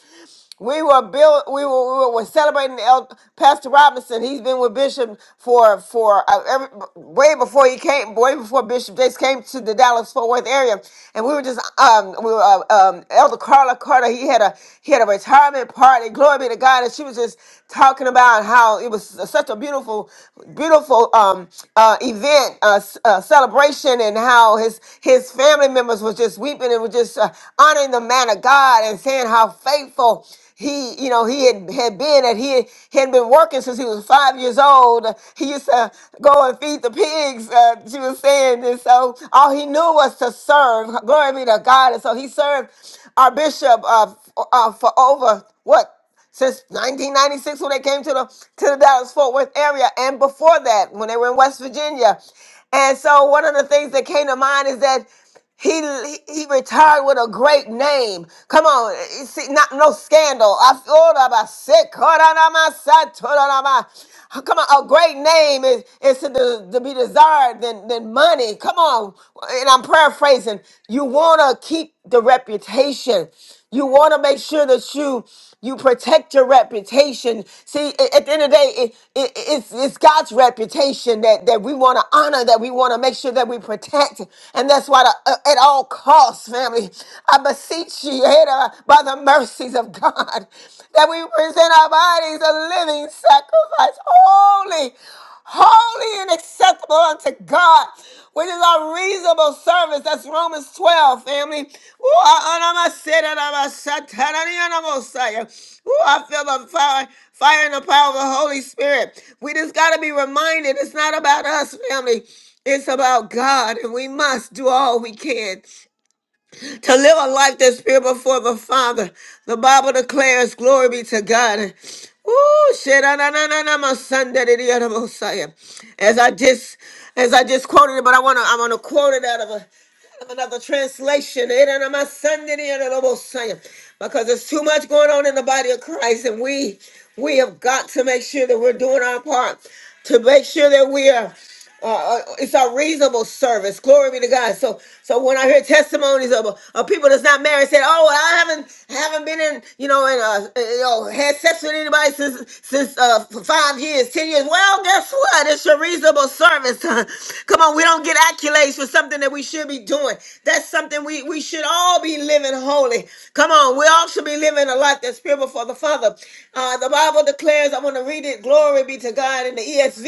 Speaker 1: We were built. We were, we were celebrating El, Pastor Robinson. He's been with Bishop for for uh, every, way before he came, way before Bishop Jakes came to the Dallas Fort Worth area, and we were just um we were uh, um Elder Carla Carter. He had a he had a retirement party. Glory be to God, and she was just talking about how it was such a beautiful beautiful um uh, event uh, s- uh, celebration, and how his his family members was just weeping and was just uh, honoring the man of God and saying how faithful. He, you know, he had, had been at he had had been working since he was five years old. He used to go and feed the pigs. Uh, she was saying, and so all he knew was to serve. Glory be to God. And so he served our bishop uh, f- uh, for over what since 1996 when they came to the to the Dallas Fort Worth area, and before that when they were in West Virginia. And so one of the things that came to mind is that. He, he retired with a great name. Come on, eh, see, not no scandal. I thought about sick. hold on, I'm outside, hold on, I'm out. Come on, a great name is, is to, de- to be desired than, than money. Come on, and I'm paraphrasing. You want to keep the reputation. You want to make sure that you you protect your reputation. See, a- at the end of the day, it, it, it's, it's God's reputation that, that we want to honor, that we want to make sure that we protect. And that's why, the, uh, at all costs, family, I beseech you, (laughs) Ada, by the mercies of God, that we present our bodies a living sacrifice, holy holy and acceptable unto God, which is our reasonable service. That's Romans 12, family. Ooh, I, I, I said it, I, I said it, I, I almost said it. Ooh, I feel the fire, fire and the power of the Holy Spirit. We just got to be reminded it's not about us, family. It's about God, and we must do all we can to live a life that's pure before the Father. The Bible declares, glory be to God. Ooh, shit, ah, nah, nah, nah, nah, my son, daddy, the other Messiah. As I just, as I just quoted it, but I wanna, I wanna quote it out of a, of another translation. eh, nah, nah, my son, daddy, the other Messiah. Because there's too much going on in the body of Christ, and we, we have got to make sure that we're doing our part to make sure that we are uh, uh, it's a reasonable service. Glory be to God. So, so when I hear testimonies of, of people that's not married, said, "Oh, well, I haven't haven't been in, you know, in, uh, uh, you know, had sex with anybody since since uh, for five years, ten years." Well, guess what? It's a reasonable service. (laughs) Come on, we don't get accolades for something that we should be doing. That's something we we should all be living holy. Come on, we all should be living a life that's pure before the Father. Uh, the Bible declares. I want to read it. Glory be be to God. In the ESV,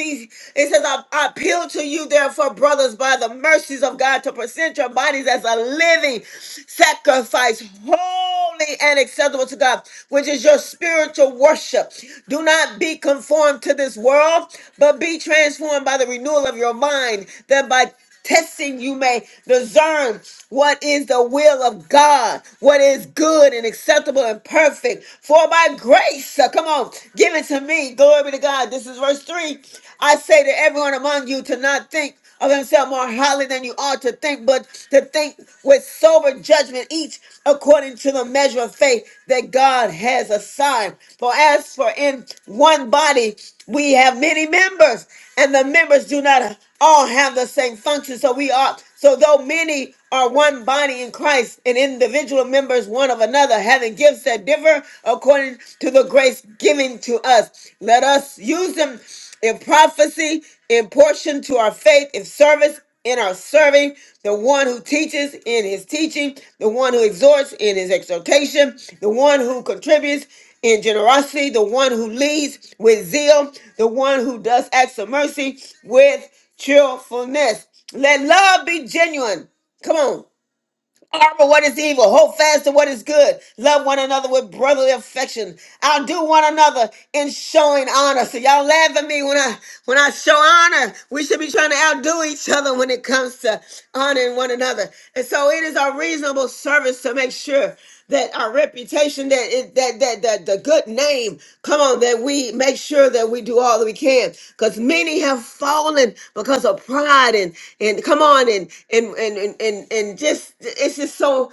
Speaker 1: it says, I, I appeal to you, therefore, brothers, by the mercies of God, to present your bodies as a living sacrifice, holy and acceptable to God, which is your spiritual worship. Do not be conformed to this world, but be transformed by the renewal of your mind, that by testing you may discern what is the will of God, what is good and acceptable and perfect. For by grace, uh, come on, give it to me. Glory be to God. This is verse 3. I say to everyone among you to not think of himself more highly than you ought to think, but to think with sober judgment, each according to the measure of faith faith that God has assigned. For as for in one body, we have many members, and the members do not all have the same function. So we are, so though many are one body in Christ and individual members one of another, having gifts that differ according to the grace given to us. Let us use them in prophecy, in portion to our faith, in service, in our serving, the one who teaches in his teaching, the one who exhorts in his exhortation, the one who contributes in generosity, the one who leads with zeal, the one who does acts of mercy with cheerfulness. Let love be genuine. Come on. Armor what is evil, hold fast to what is good, love one another with brotherly affection, outdo one another in showing honor. So y'all laugh at me when I when I show honor. We should be trying to outdo each other when it comes to honoring one another. And so it is our reasonable service to make sure that our reputation, that it, that that that the good name, come on, that we make sure that we do all that we can, because many have fallen because of pride and and come on and and and and and, and just it's just so.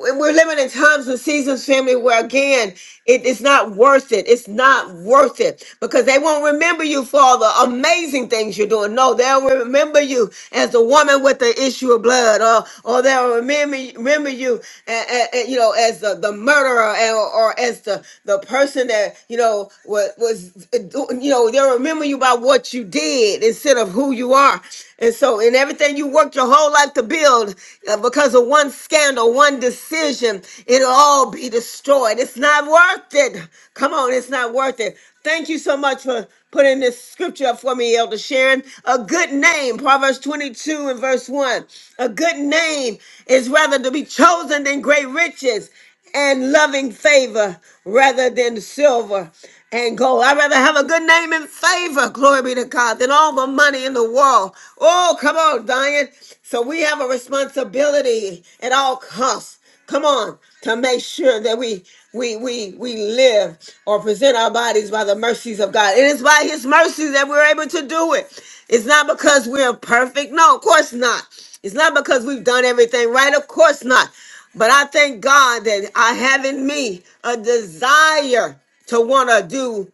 Speaker 1: and We're living in times and seasons, family, where again, it is not worth it. It's not worth it because they won't remember you for all the amazing things you're doing. No, they they will remember you as the woman with the issue of blood, or or they'll remember remember you, a- a- a- you know, as the, the murderer, and, or as the the person that you know was was uh, do- you know they'll remember you by what you did instead of who you are. And so, in everything you worked your whole life to build, uh, because of one scandal, one decision, it'll all be destroyed. It's not worth it. Come on, it's not worth it. Thank you so much for put in this scripture up for me, Elder Sharon. A good name, Proverbs 22 and verse 1. A good name is rather to be chosen than great riches and loving favor rather than silver and gold. I'd rather have a good name and favor, glory be to God, than all the money in the world. Oh, come on, Diane. So we have a responsibility at all costs come on to make sure that we we we we live or present our bodies by the mercies of god it is by his mercies that we're able to do it it's not because we're perfect no of course not it's not because we've done everything right of course not but i thank god that i have in me a desire to want to do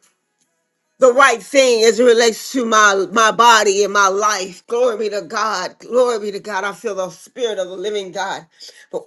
Speaker 1: the right thing as it relates to my my body and my life glory be to god glory be to god i feel the spirit of the living god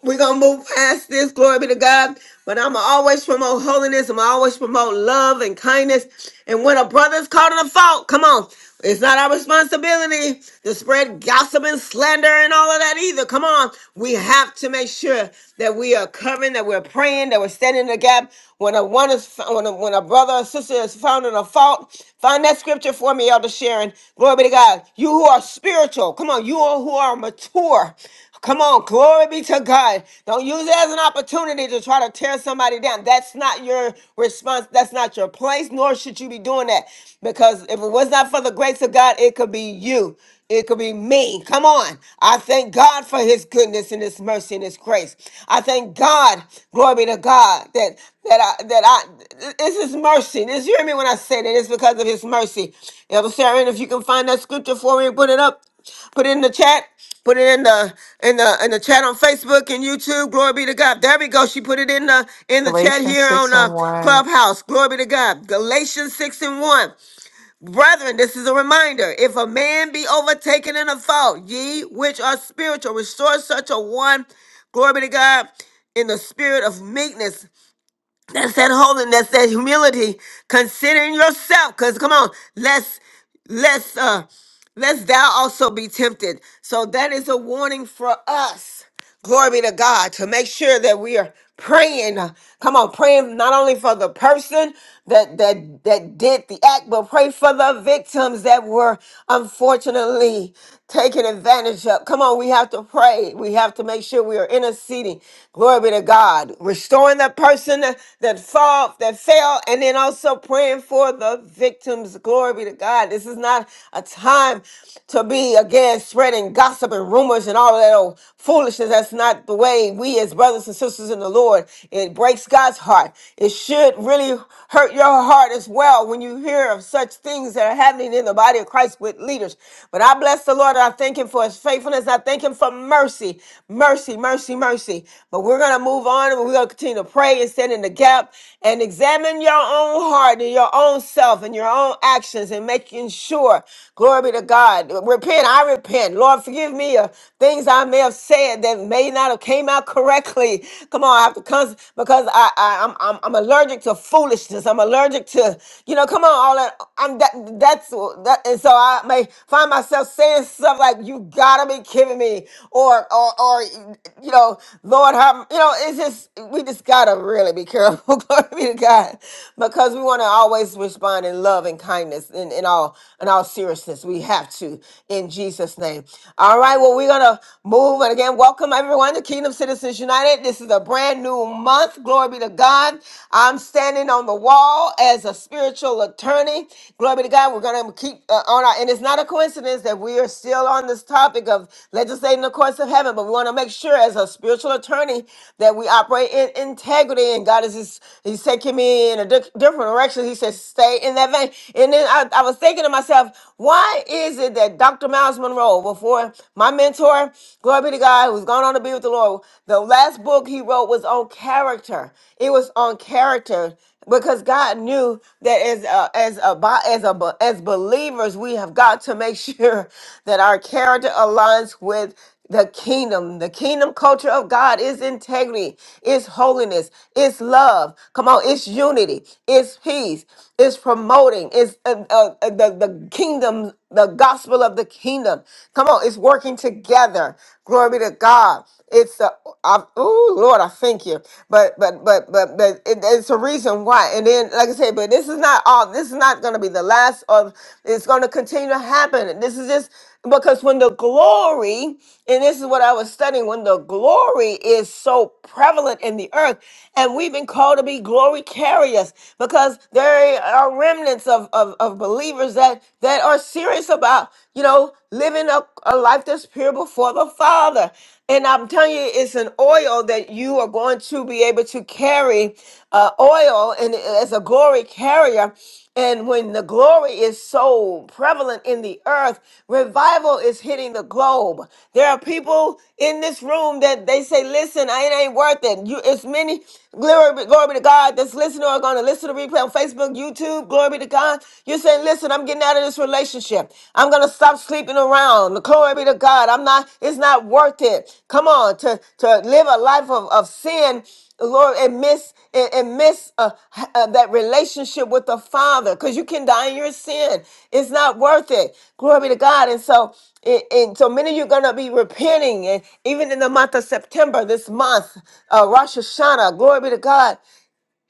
Speaker 1: we're gonna move past this, glory be to God. But I'm always promote holiness, I'm always promote love and kindness. And when a brother's caught in a fault, come on. It's not our responsibility to spread gossip and slander and all of that either. Come on. We have to make sure that we are covering, that we're praying, that we're standing in the gap. When a one is when a, when a brother or sister is found in a fault, find that scripture for me, Elder Sharon. Glory be to God. You who are spiritual, come on, you all who are mature. Come on, glory be to God. Don't use it as an opportunity to try to tear somebody down. That's not your response. That's not your place, nor should you be doing that. Because if it was not for the grace of God, it could be you. It could be me. Come on. I thank God for his goodness and his mercy and his grace. I thank God, glory be to God, that that I that I it's his mercy. Just hear me when I say that it's because of his mercy. Elder Sharon, if you can find that scripture for me and put it up, put it in the chat. Put it in the in the in the chat on Facebook and YouTube. Glory be to God. There we go. She put it in the in the chat
Speaker 7: Galatians
Speaker 1: here
Speaker 7: 6
Speaker 1: on uh,
Speaker 7: and 1.
Speaker 1: Clubhouse. Glory be to God. Galatians six and one, brethren. This is a reminder. If a man be overtaken in a fault, ye which are spiritual, restore such a one. Glory be to God in the spirit of meekness that's that holiness, that humility, considering yourself. Cause come on, let's let's uh let's thou also be tempted. So that is a warning for us glory be to God, to make sure that we are praying. uh, Come on, praying not only for the person that that that did the act, but pray for the victims that were unfortunately taken advantage of. Come on, we have to pray. We have to make sure we are interceding. Glory be to God, restoring the person that that fall that fell, and then also praying for the victims. Glory be to God. This is not a time to be again spreading gossip and rumors and all of that all of that old foolishness. That's not the way we as brothers and sisters in the Lord. It breaks God's heart. It should really hurt your heart as well when you hear of such things that are happening in the body of Christ with leaders. But I bless the Lord. and I thank him for his faithfulness. I thank him for mercy, mercy, mercy, mercy. But we're going to move on and we're going to continue to pray and stand in the gap and examine your own heart and your own self and your own actions and making sure, glory be to God. Repent. I repent. Lord, Lord, forgive me of things I may have said that may not have came out correctly. Come on, I have to cons- because I, I I'm, I'm I'm allergic to foolishness. I'm allergic to you know. Come on, all that I'm that that's that, and so I may find myself saying stuff like "You gotta be kidding me," or or or you know, Lord, have you know. It's just we just gotta really be careful. (laughs) Glory be to God, because we want to always respond in love and kindness in, in all in all seriousness. We have to in Jesus' name. All right, well, we're going to move. And again, welcome everyone to Kingdom Citizens United. This is a brand new month. Glory be to God. I'm standing on the wall as a spiritual attorney. Glory be to God. We're going to keep uh, on our, and it's not a coincidence that we are still on this topic of legislating the courts of heaven, but we want to make sure as a spiritual attorney that we operate in integrity. And God is, just, He's taking me in a di- different direction. He says, stay in that vein. And then I, I was thinking to myself, have. Why is it that Dr. Miles Monroe, before my mentor, glory be to God, who's gone on to be with the Lord, the last book he wrote was on character. It was on character because God knew that as a, as a bo- as a bo- as believers, we have got to make sure (laughs) that our character aligns with the kingdom. The kingdom culture of God is integrity, it's holiness, it's love. Come on, it's unity, it's peace, it's promoting, it's uh, uh, uh, the, the kingdom, the gospel of the kingdom. Come on, it's working together. Glory be to God. It's a oh Lord, I thank you. But but but but but it, it's a reason why. And then, like I said, but this is not all. This is not going to be the last of. It's going to continue to happen. This is just because when the glory, and this is what I was studying, when the glory is so prevalent in the earth, and we've been called to be glory carriers because there are remnants of of, of believers that that are serious about you know living a, a life that's pure before the Father. And I'm telling you, it's an oil that you are going to be able to carry uh, oil and as a glory carrier. And when the glory is so prevalent in the earth, revival is hitting the globe. There are people in this room that they say, "Listen, I it ain't worth it." You, it's many glory, be- glory be to God that's listening or going to listen to replay on Facebook, YouTube. Glory be to God. John. You're saying, listen, I'm getting out of this relationship. I'm going to stop sleeping around. Glory be to God. I'm not, it's not worth it. Come on, to, to live a life of, of sin. Lord, and miss and, and miss uh, h- uh, that relationship with the Father, because you can die in your sin. It's not worth it. Glory be to God. And so, and, and so many of you are gonna be repenting, and even in the month of September, this month, uh, Rosh Hashanah. Glory be to God.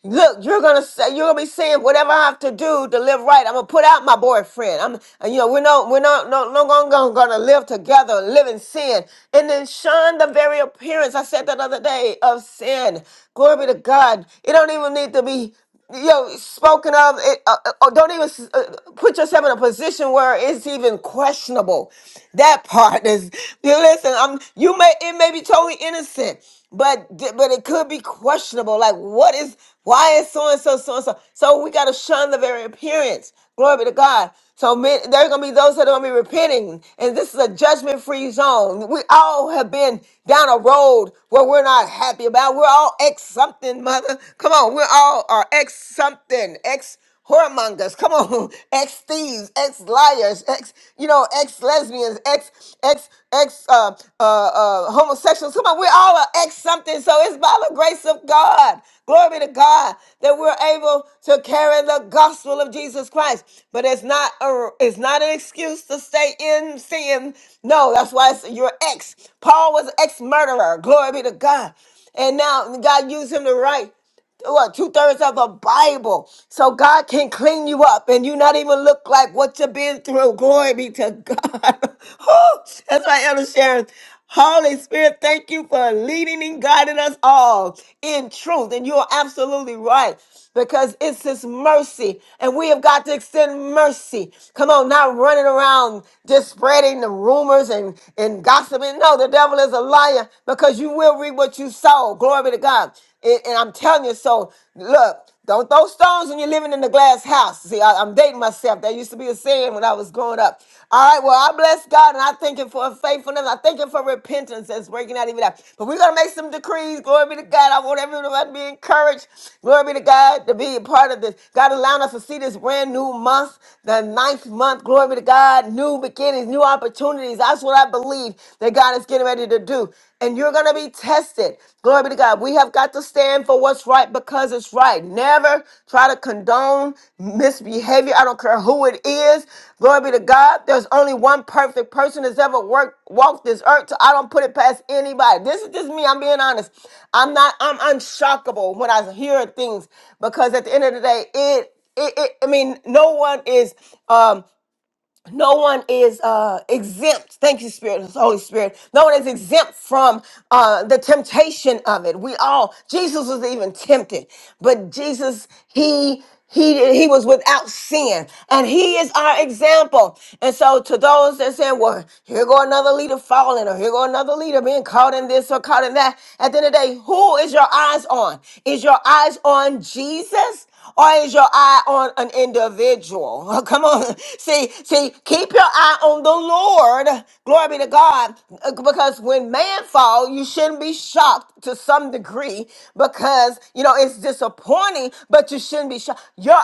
Speaker 1: Look, you're gonna say you're gonna be saying whatever I have to do to live right. I'm gonna put out my boyfriend. I'm, and, you know, we're not, we're not, no, no longer gonna, gonna live together, live in sin, and then shun the very appearance. I said that other day of sin. Glory be to God. It don't even need to be yo spoken of it uh, uh, oh, don't even s- uh, put yourself in a position where it's even questionable that (laughs) part is you listen i'm you may it may be totally innocent but th- but it could be questionable like what is why is so and so so and so so we got to shun the very appearance glory be to god so men, there are gonna be those that are gonna be repenting, and this is a judgment-free zone. We all have been down a road where we're not happy about. We're all ex something, mother. Come on, we're all are ex something, ex whoremongers. Come on, (laughs) ex thieves, ex liars, ex you know, ex lesbians, ex ex ex uh, uh, uh, uh, homosexuals. Come on, we all are ex something. So it's by the grace of God. Glory be to God that we're able to carry the gospel of Jesus Christ. But it's not a, it's not an excuse to stay in sin. No, that's why it's your ex. Paul was an ex murderer. Glory be to God. And now God used him to write what two thirds of the Bible. So God can clean you up, and you not even look like what you've been through. Glory be to God. (laughs) Whew! That's my Elder Sharon. Holy Spirit, thank you for leading and guiding us all in truth. And you are absolutely right because it's His mercy, and we have got to extend mercy. Come on, not running around just spreading the rumors and, and gossiping. No, the devil is a liar because you will will reap what you sow. Glory be to God. And, and I'm telling you, so look, don't throw stones when you're living in the glass house. See, I, am dating myself. That used to be a saying when I was growing up. All right, well, I bless God and I thank Him for faithfulness. I thank Him for repentance that's breaking out even now. But we're going to make some decrees. Glory be to God. I want everyone to be encouraged. Glory be to God to be a part of this. God allowing us to see this brand new month, the ninth month. Glory be to God. New beginnings, new opportunities. That's what I believe that God is getting ready to do and you're going to be tested. Glory be to God. We have got to stand for what's right because it's right. Never try to condone misbehavior. I don't care who it is. Glory be to God. There's only one perfect person that's ever worked walked this earth. So I don't put it past anybody. This is just me. I'm being honest. I'm not I'm unshockable when I hear things because at the end of the day, it it, it, I mean, no one is. Um, no one is uh, exempt. Thank you, Spirit, Holy Spirit. No one is exempt from uh, the temptation of it. We all, Jesus was even tempted, but Jesus, he he he was without sin, and he is our example. And so, to those that say, "Well, here go another leader falling, or here go another leader being caught in this or caught in that," at the end of the day, who is your eyes on? Is your eyes on Jesus? or is your eye on an individual? (laughs) Come on. See, see, keep your eye on the Lord. Glory be to God. Uh, Because when man fall, you shouldn't be shocked to some degree because, you know, it's disappointing, but you shouldn't be shocked. Your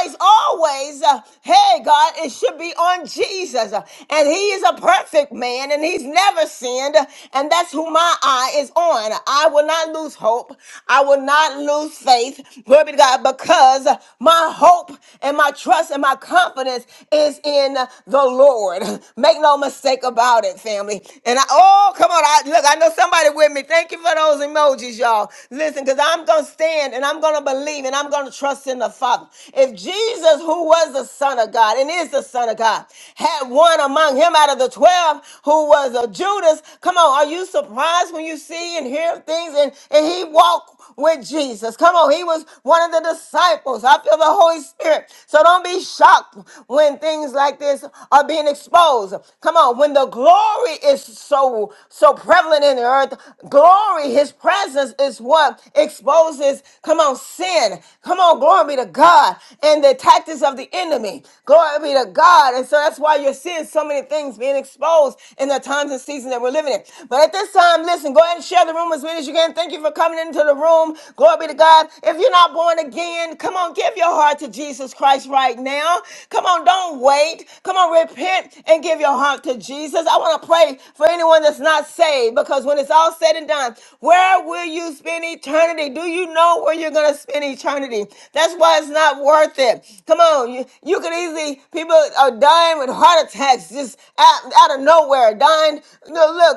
Speaker 1: eyes always, uh, hey, God, it should be on Jesus. Uh, And he is a perfect man and he's never sinned. And that's who my uh-uh is on. I will not lose hope. I will not lose faith. Glory be to God, because my hope and my trust and my confidence is in the Lord. Make no mistake about it, family. And I, oh, come on. I, look, I know somebody with me. Thank you for those emojis, y'all. Listen, because I'm going to stand and I'm going to believe and I'm going to trust in the Father. If Jesus, who was the Son of God and is the Son of God, had one among him out of the 12 who was a Judas. Come on, are you surprised when you see and hear things? And, and he walked with Jesus. Come on, he was one of the disciples. I feel the Holy Spirit. So don't be shocked when things like this are being exposed. Come on, when the glory is so so prevalent in the earth, glory, his presence is what exposes, come on, sin sin. Come on, glory be to God. And the tactics of the enemy. Glory be to God. And so that's why you're seeing so many things being exposed in the times and season that we're living in. But at this time, listen, go ahead and share the room as many as you can. Thank you for coming into the room. Glory be to God. If you're not born again, come on, give your heart to Jesus Christ right now. Come on, don't wait. Come on, repent and give your heart to Jesus. I want to pray for anyone that's not saved saved because when it's all said and done, where will you spend eternity? Do you know where you're going to spend eternity? That's why it's not worth it. Come on. You, you could easily, people are dying with heart attacks just out, out of nowhere, dying. No,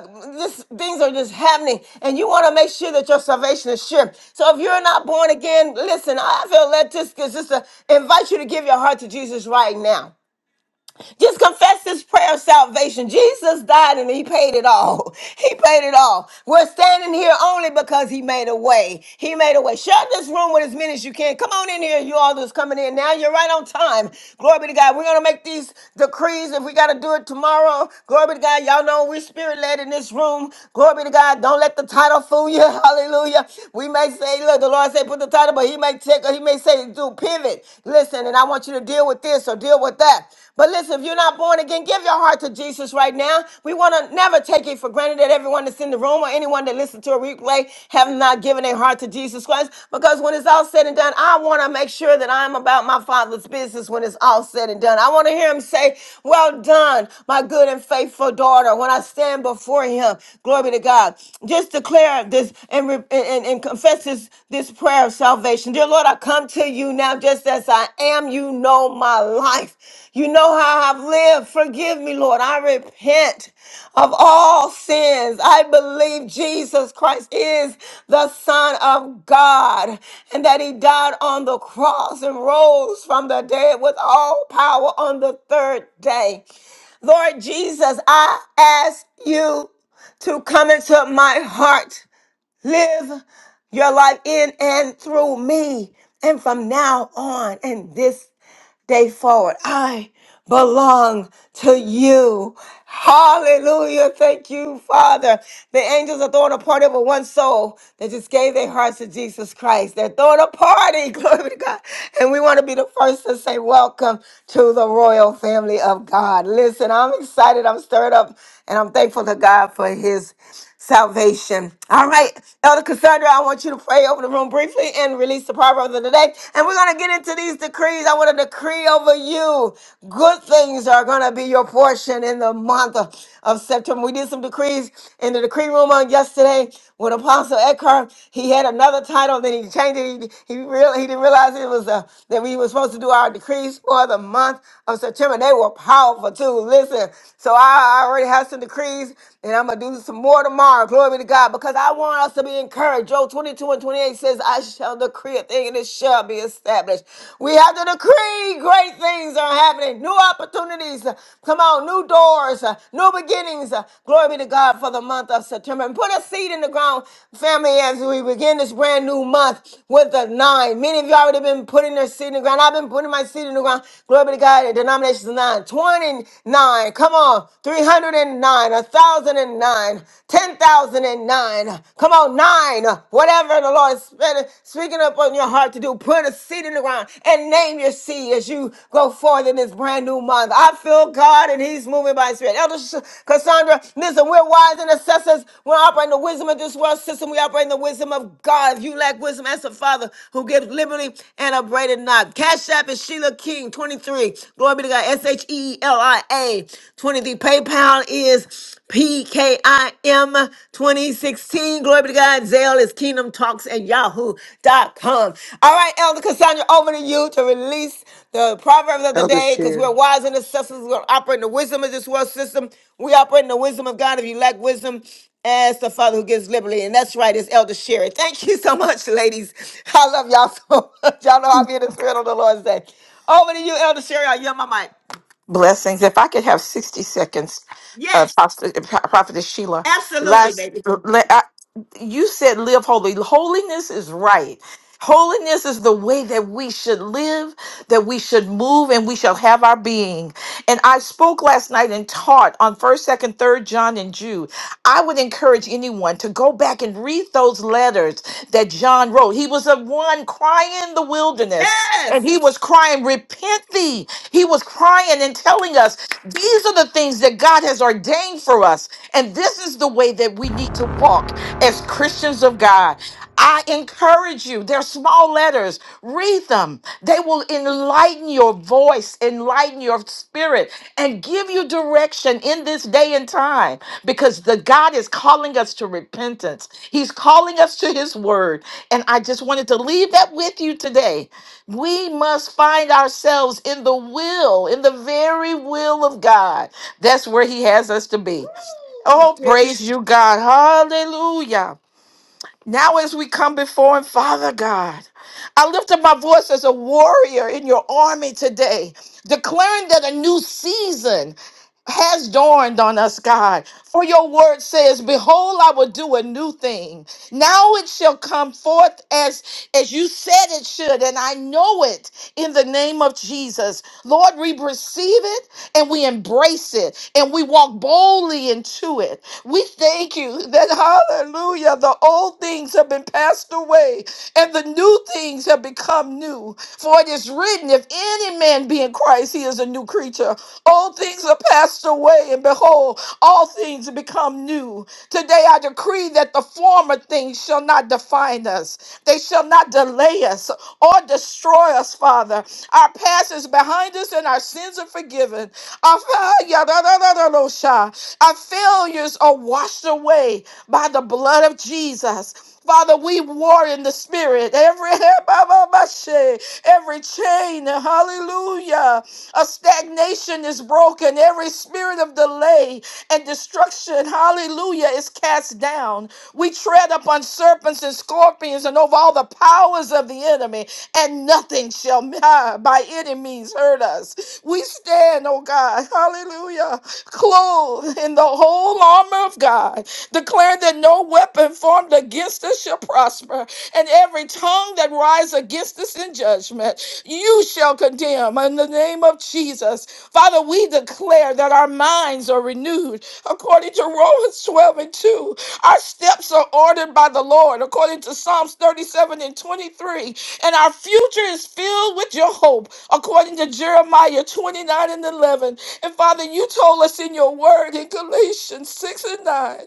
Speaker 1: look, this, things are just happening, and you want to make sure that your salvation is sure. So if you're not born again, listen, I feel led to just to invite you to give your heart to Jesus right now. Just confess this prayer of salvation. Jesus died and he paid it all. (laughs) He paid it all. We're standing here only because he made a way. He made a way. Share this room with as many as you can. Come on in here, you all that's coming in now. You're right on time. Glory be to God. We're going to make these decrees if we got to do it tomorrow. Glory be to God. Y'all know we're spirit led in this room. Glory be to God. Don't let the title fool you. (laughs) Hallelujah. We may say, look, the Lord say put the title, but he may take, he may say do pivot. Listen, and I want you to deal with this or deal with that. But listen, if you're not born again, give your heart to Jesus right now. We want to never take it for granted that everyone that's in the room or anyone that listens to a replay have not given their heart to Jesus Christ. Because when it's all said and done, I want to make sure that I'm about my Father's business when it's all said and done. I want to hear Him say, "Well done, my good and faithful daughter." When I stand before Him, glory be to God. Just declare this and re- and, and and confess this this prayer of salvation. Dear Lord, I come to you now just as I am. You know my life. You know how I've lived. Forgive me, Lord. I repent of all sins. I believe Jesus Christ is the Son of God and that He died on the cross and rose from the dead with all power on the third day. Lord Jesus, I ask you to come into my heart live your life in and through me. And from now on and this day forward, I belong to you. Hallelujah. Thank you, Father. The angels are throwing a party over one soul that just gave their hearts to Jesus Christ. They're throwing a party. (laughs) Glory be to God. And we want to be the first to say, Welcome to the royal family of God. Listen, I'm excited. I'm stirred up and I'm thankful to God for his salvation. All right, Elder Cassandra, I want you to pray over the room briefly and release the proverb of the day. And we're going to get into these decrees. I want to decree over you. Good things are going to be your portion in the month of of September. We did some decrees in the decree room on yesterday with Apostle Eckhart. He had another title, then he changed it. He, he, real, he didn't realize it was uh, that we were supposed to do our decrees for the month of September. They were powerful too. Listen, so I I already have some decrees and I'm going to do some more tomorrow. Glory to God. Because I want us to be encouraged. Job 22 and 28 says, I shall decree a thing and it shall be established. We have to decree great things are happening. New opportunities. uh, Come on. New doors. uh, New beginnings. uh, Glory be to God for the month of September. And put a seed in the ground, family, as we begin this brand new month with the nine. Many of you already been putting their seed in the ground. I've been putting my seed in the ground. Glory be to God. The denomination's nine. 29. Come on. 309, 1,009, 10,009. Come on, nine. Whatever the Lord is spe- speaking up on your heart to do, put a seed in the ground and name your seed as you go forth in this brand new month. I feel God and He's moving by His Spirit. Elder Sh- Cassandra, listen, we're wise and assessors. We're operating the wisdom of this world system. We operate in the wisdom of God. If you lack wisdom, ask the Father who gives liberty and upbraided not. Cash App is Sheila King, 23. Glory be to God. S H E L I A. 23 PayPal is PKIM 2016. Glory be to God. Zale is Kingdom Talks at Yahoo dot com. All right, Elder Cassandra, over to you to release the proverbs of the
Speaker 8: Elder
Speaker 1: day because we're
Speaker 8: Sherry.
Speaker 1: wise and assessors. We're operating the wisdom of this world system. We operate in the wisdom of God. If you lack wisdom, as the Father who gives liberally. And that's right, it's Elder Sherry. Thank you so much, ladies. (laughs) I love y'all so much. Y'all know I'm in the spirit on the Lord's day. Over to you, Elder Sherry. I yell my mic.
Speaker 7: Blessings. If I could have 60 seconds, uh,
Speaker 1: Yes.
Speaker 7: Prophet, Prophetess Sheila,
Speaker 1: Absolutely,
Speaker 7: last,
Speaker 1: baby.
Speaker 7: le- I- you said live holy. Holiness is right. Holiness is the way that we should live, that we should move, and we shall have our being. And I spoke last night and taught on 1st, 2nd, 3rd John and Jude. I would encourage anyone to go back and read those letters that John wrote. He was the one crying in the wilderness, and
Speaker 1: Yes.
Speaker 7: he was crying, Repent thee, he was crying and telling us these are the things that God has ordained for us. And this is the way that we need to walk as Christians of God. I encourage you, they're small letters. Read them. They will enlighten your voice, enlighten your spirit, and give you direction in this day and time because the God is calling us to repentance. He's calling us to his word. And I just wanted to leave that with you today we must find ourselves in the will, in the very will of God. That's where He has us to be.
Speaker 1: Woo. That's
Speaker 7: Oh,
Speaker 1: good.
Speaker 7: praise you, God. Hallelujah. Now, as we come before Him, Father God, I lift up my voice as a warrior in your army today, declaring that a new season has dawned on us, God. For your word says, Behold, I will do a new thing. Now it shall come forth as, as you said it should, and I know it in the name of Jesus. Lord, we receive it and we embrace it and we walk boldly into it. We thank you that, (laughs) hallelujah, the old things have been passed away and the new things have become new. For it is written, if any man be in Christ, he is a new creature. All things are passed away, and behold, all things become new. Today I decree that the former things shall not define us, they shall not delay us or destroy us, Father. Our past is behind us, and our sins are forgiven. Our failure, da, da, da, da, da, no, sha. Our failures are washed away by the blood of Jesus. Father, we war in the spirit. Every (laughs) every chain, hallelujah, A stagnation is broken. Every spirit of delay and destruction, hallelujah, is cast down. We tread upon serpents and scorpions and over all the powers of the enemy, and nothing shall (laughs) by any means hurt us. We stand, oh God, hallelujah, clothed in the whole armor of God, declaring that no weapon formed against us shall prosper, and every tongue that rise against us in judgment, you shall condemn in the name of Jesus. Father, we declare that our minds are renewed according to Romans 12 and 2. Our steps are ordered by the Lord according to Psalms 37 and 23 and our future is filled with your hope, according to Jeremiah 29 and 11. And Father, you told us in your word in Galatians 6 and 9,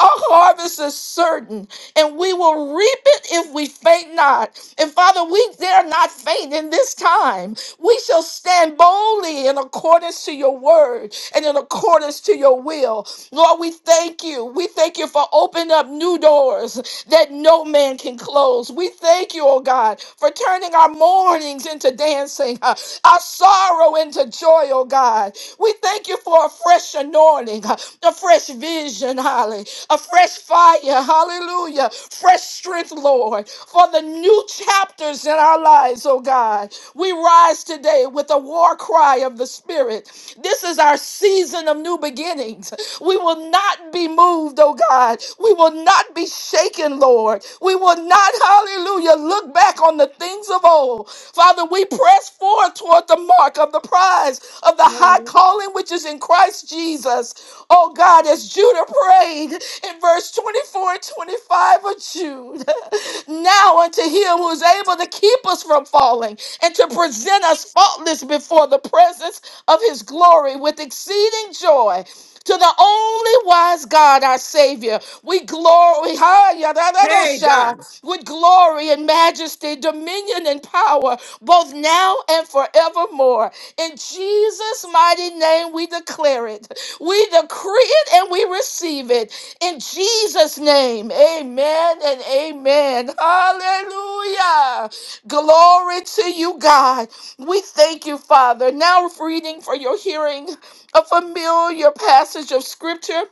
Speaker 7: our harvest is certain, and we will reap it if we faint not. And Father, we dare not faint in this time. We shall stand boldly in accordance to your word and in accordance to your will. Lord, we thank you. We thank you for opening up new doors that no man can close. We thank you, oh God, for turning our mournings into dancing, uh, our sorrow into joy, oh God. We thank you for a fresh anointing, uh, a fresh vision, Holly, a fresh fire, hallelujah, fresh strength, Lord, for the new chapters in our lives, oh God. We rise today with a war cry of the Spirit. This is our season of new beginnings. We will not be moved, oh God. We will not be shaken, Lord. We will not, hallelujah, look back on the things of old. Father, we press forward toward the mark of the prize of the high calling which is in Christ Jesus. Oh God, as Judah prayed in verse 24 and 25 of Jude, (laughs) now unto him who is able to keep us from falling and to present us faultless before the presence of his glory with exceeding joy to the only wise God, our Savior. We glory, ha, ya, da, da, do,
Speaker 1: Hey,
Speaker 7: sha,
Speaker 1: God.
Speaker 7: with glory and majesty, dominion and power, both now and forevermore. In Jesus' mighty name, we declare it. We decree it and we receive it. In Jesus' name, amen and amen. Hallelujah. Glory to you, God. We thank you, Father. Now, reading for your hearing a familiar passage of scripture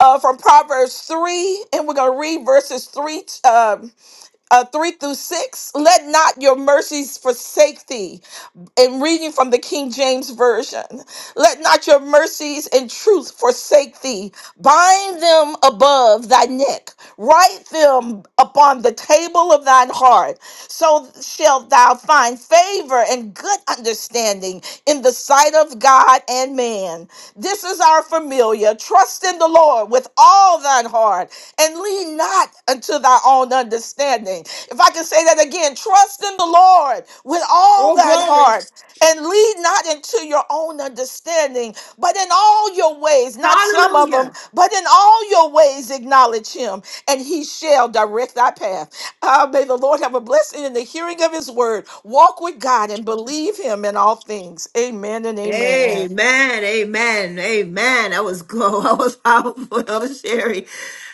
Speaker 7: uh, from Proverbs 3, and we're going to read verses 3, um, uh, 3 through 6. Let not your mercies forsake thee, and reading from the King James Version. Let not your mercies and truth forsake thee. Bind them above thy neck. Write them upon the table of thine heart. So shalt thou find favor and good understanding in the sight of God and man. This is our familiar. Trust in the Lord with all thine heart and lean not unto thy own understanding. If I can say that again, trust in the Lord with all
Speaker 1: Oh,
Speaker 7: thine
Speaker 1: glory.
Speaker 7: heart and lead not into your own understanding, but in all your ways, not some of them,
Speaker 1: Hallelujah.
Speaker 7: but in all your ways acknowledge him, and he shall direct thy path. Ah, may the Lord have a blessing in the hearing of his word. Walk with God and believe him in all things. Amen and amen.
Speaker 1: Amen, amen, amen. That was glow. (laughs) That was powerful. That was Sherry.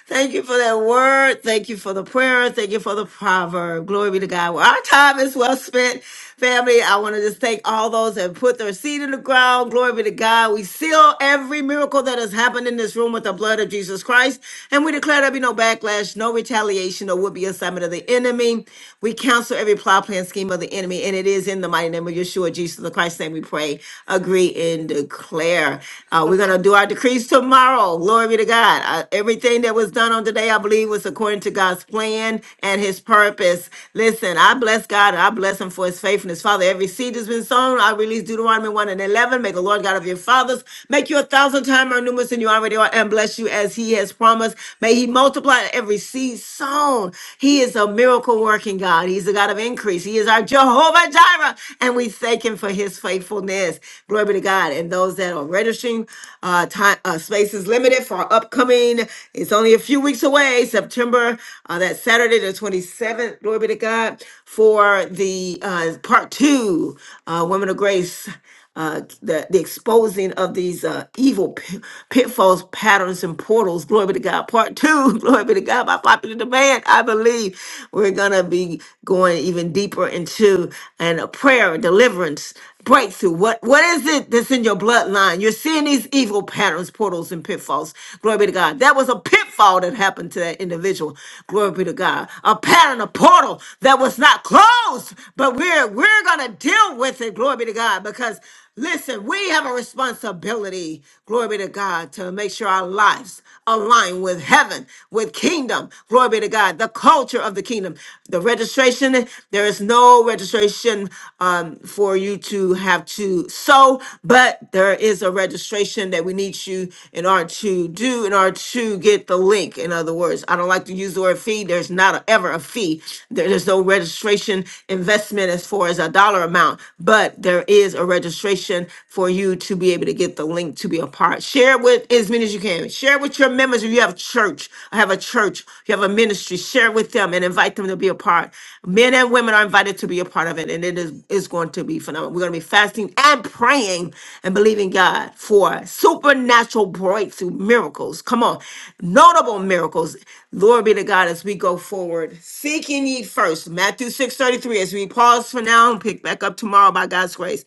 Speaker 1: Thank you for that word. Thank you for the prayer. Thank you for the proverb. Glory be to God. Well, our time is well spent. Family, I want to just thank all those that put their seed in the ground. Glory be to God. We seal every miracle that has happened in this room with the blood of Jesus Christ. And we declare there be no backlash, no retaliation, or would be assignment of the enemy. We counsel every plot, plan, scheme of the enemy, and it is is in the mighty name of Yeshua, Jesus the Christ's name we pray, agree, and declare. Uh, we're going to do our decrees tomorrow. Glory be to God. Uh, everything that was done on today, I believe, was according to God's plan and his purpose. Listen, I bless God and I bless him for his faithfulness. Father, every seed has been sown. I release Deuteronomy 1 and 11. Make the Lord God of your fathers make you a thousand times more numerous than you already are and bless you as he has promised. May he multiply every seed sown. He is a miracle working working God. He's the God of increase. He is our Jehovah Jireh, and we thank Him for His faithfulness. Glory be to God. And those that are registering, uh, time uh, space is limited for our upcoming. It's only a few weeks away, September. Uh, that Saturday, the twenty seventh. Glory be to God for the uh, part two, uh, Women of Grace uh, the, the exposing of these uh, evil pi- pitfalls, patterns, and portals. Glory be to God. Part two, (laughs) glory be to God, by popular demand. I believe we're going to be going even deeper into and a prayer, deliverance, breakthrough. What What is it that's in your bloodline? You're seeing these evil patterns, portals, and pitfalls. Glory be to God. That was a pitfall that happened to that individual. Glory be to God. A pattern, a portal that was not closed, but we're, we're going to deal with it. Glory be to God because because listen, we have a responsibility, glory be to God, to make sure our lives align with heaven, with kingdom, glory be to God, the culture of the kingdom. The registration, there is no registration um, for you to have to sow, but there is a registration that we need you in order to do, in order to get the link. In other words, I don't like to use the word fee. There's not a, ever a fee. There- There's no registration investment as far as a dollar amount, but there is is a registration for you to be able to get the link to be a part. Share it with as many as you can. Share it with your members. If you have church, I have a church, you have a ministry, share with them and invite them to be a part. Men and women are invited to be a part of it, and it is it's going to be phenomenal. We're going to be fasting and praying and believing God for supernatural breakthrough miracles. Come on, notable miracles. Glory be to God as we go forward. Seeking ye first, Matthew six thirty three. As we pause for now and pick back up tomorrow by God's grace.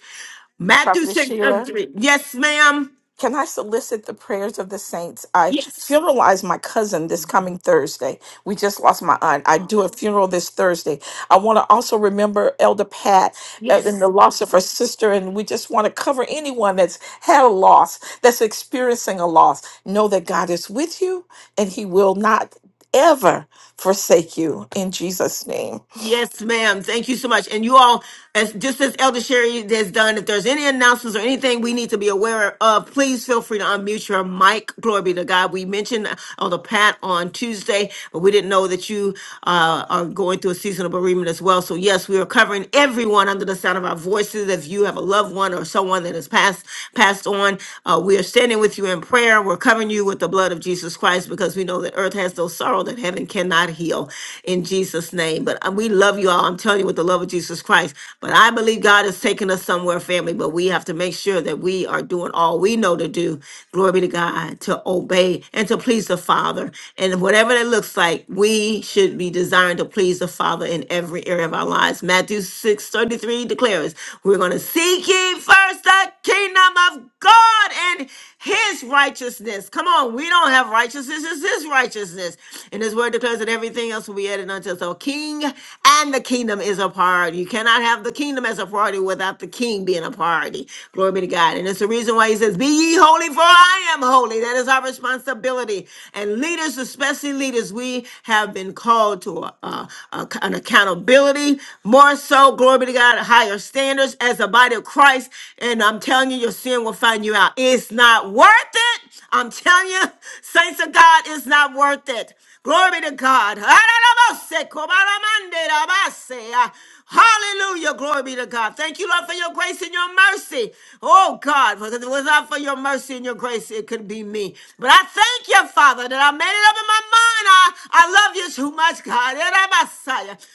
Speaker 1: Matthew
Speaker 7: Prophetess
Speaker 1: six thirty
Speaker 7: Sheila.
Speaker 1: three. Yes, ma'am.
Speaker 7: Can I solicit the prayers of the saints? I
Speaker 1: Yes.
Speaker 7: funeralize my cousin this coming Thursday. We just lost my aunt. I do a funeral this Thursday. I want to also remember Elder Pat uh, and the
Speaker 1: Yes.
Speaker 7: loss of her sister. And we just want to cover anyone that's had a loss, that's experiencing a loss. Know that God is with you and He will not ever forsake you in Jesus' name.
Speaker 1: Yes, ma'am. Thank you so much. And you all, as just as Elder Sherry has done, if there's any announcements or anything we need to be aware of, please feel free to unmute your mic. Glory be to God. We mentioned on the pat on Tuesday, but we didn't know that you uh, are going through a season of bereavement as well. So yes, we are covering everyone under the sound of our voices. If you have a loved one or someone that has passed passed on, uh, we are standing with you in prayer. We're covering you with the blood of Jesus Christ because we know that earth has no sorrow that heaven cannot heal heal in Jesus' name. But uh, we love you all. I'm telling you with the love of Jesus Christ. But I believe God is taking us somewhere, family. But we have to make sure that we are doing all we know to do. Glory be to God, to obey and to please the Father. And whatever that looks like, we should be desiring to please the Father in every area of our lives. Matthew 6 33 declares, We're going to seek ye first the kingdom of God. and." his righteousness. Come on, we don't have righteousness, it's his righteousness. And his word declares that everything else will be added unto us. So king and the kingdom is a priority. You cannot have the kingdom as a priority without the king being a priority. Glory be to God. And it's the reason why he says, Be ye holy, for I am holy. That is our responsibility. And leaders, especially leaders, we have been called to a, a- a- an accountability, more so, glory be to God, higher standards as the body of Christ. And I'm telling you, you're sin will find you out. It's not worth it. I'm telling you, saints of God, it's not worth it. Glory to God. Hallelujah. Glory be to God. Thank you, Lord, for your grace and your mercy. Oh, God, because if it was not for your mercy and your grace, it could be me. But I thank you, Father, that I made it up in my mind. I, I love you too much, God.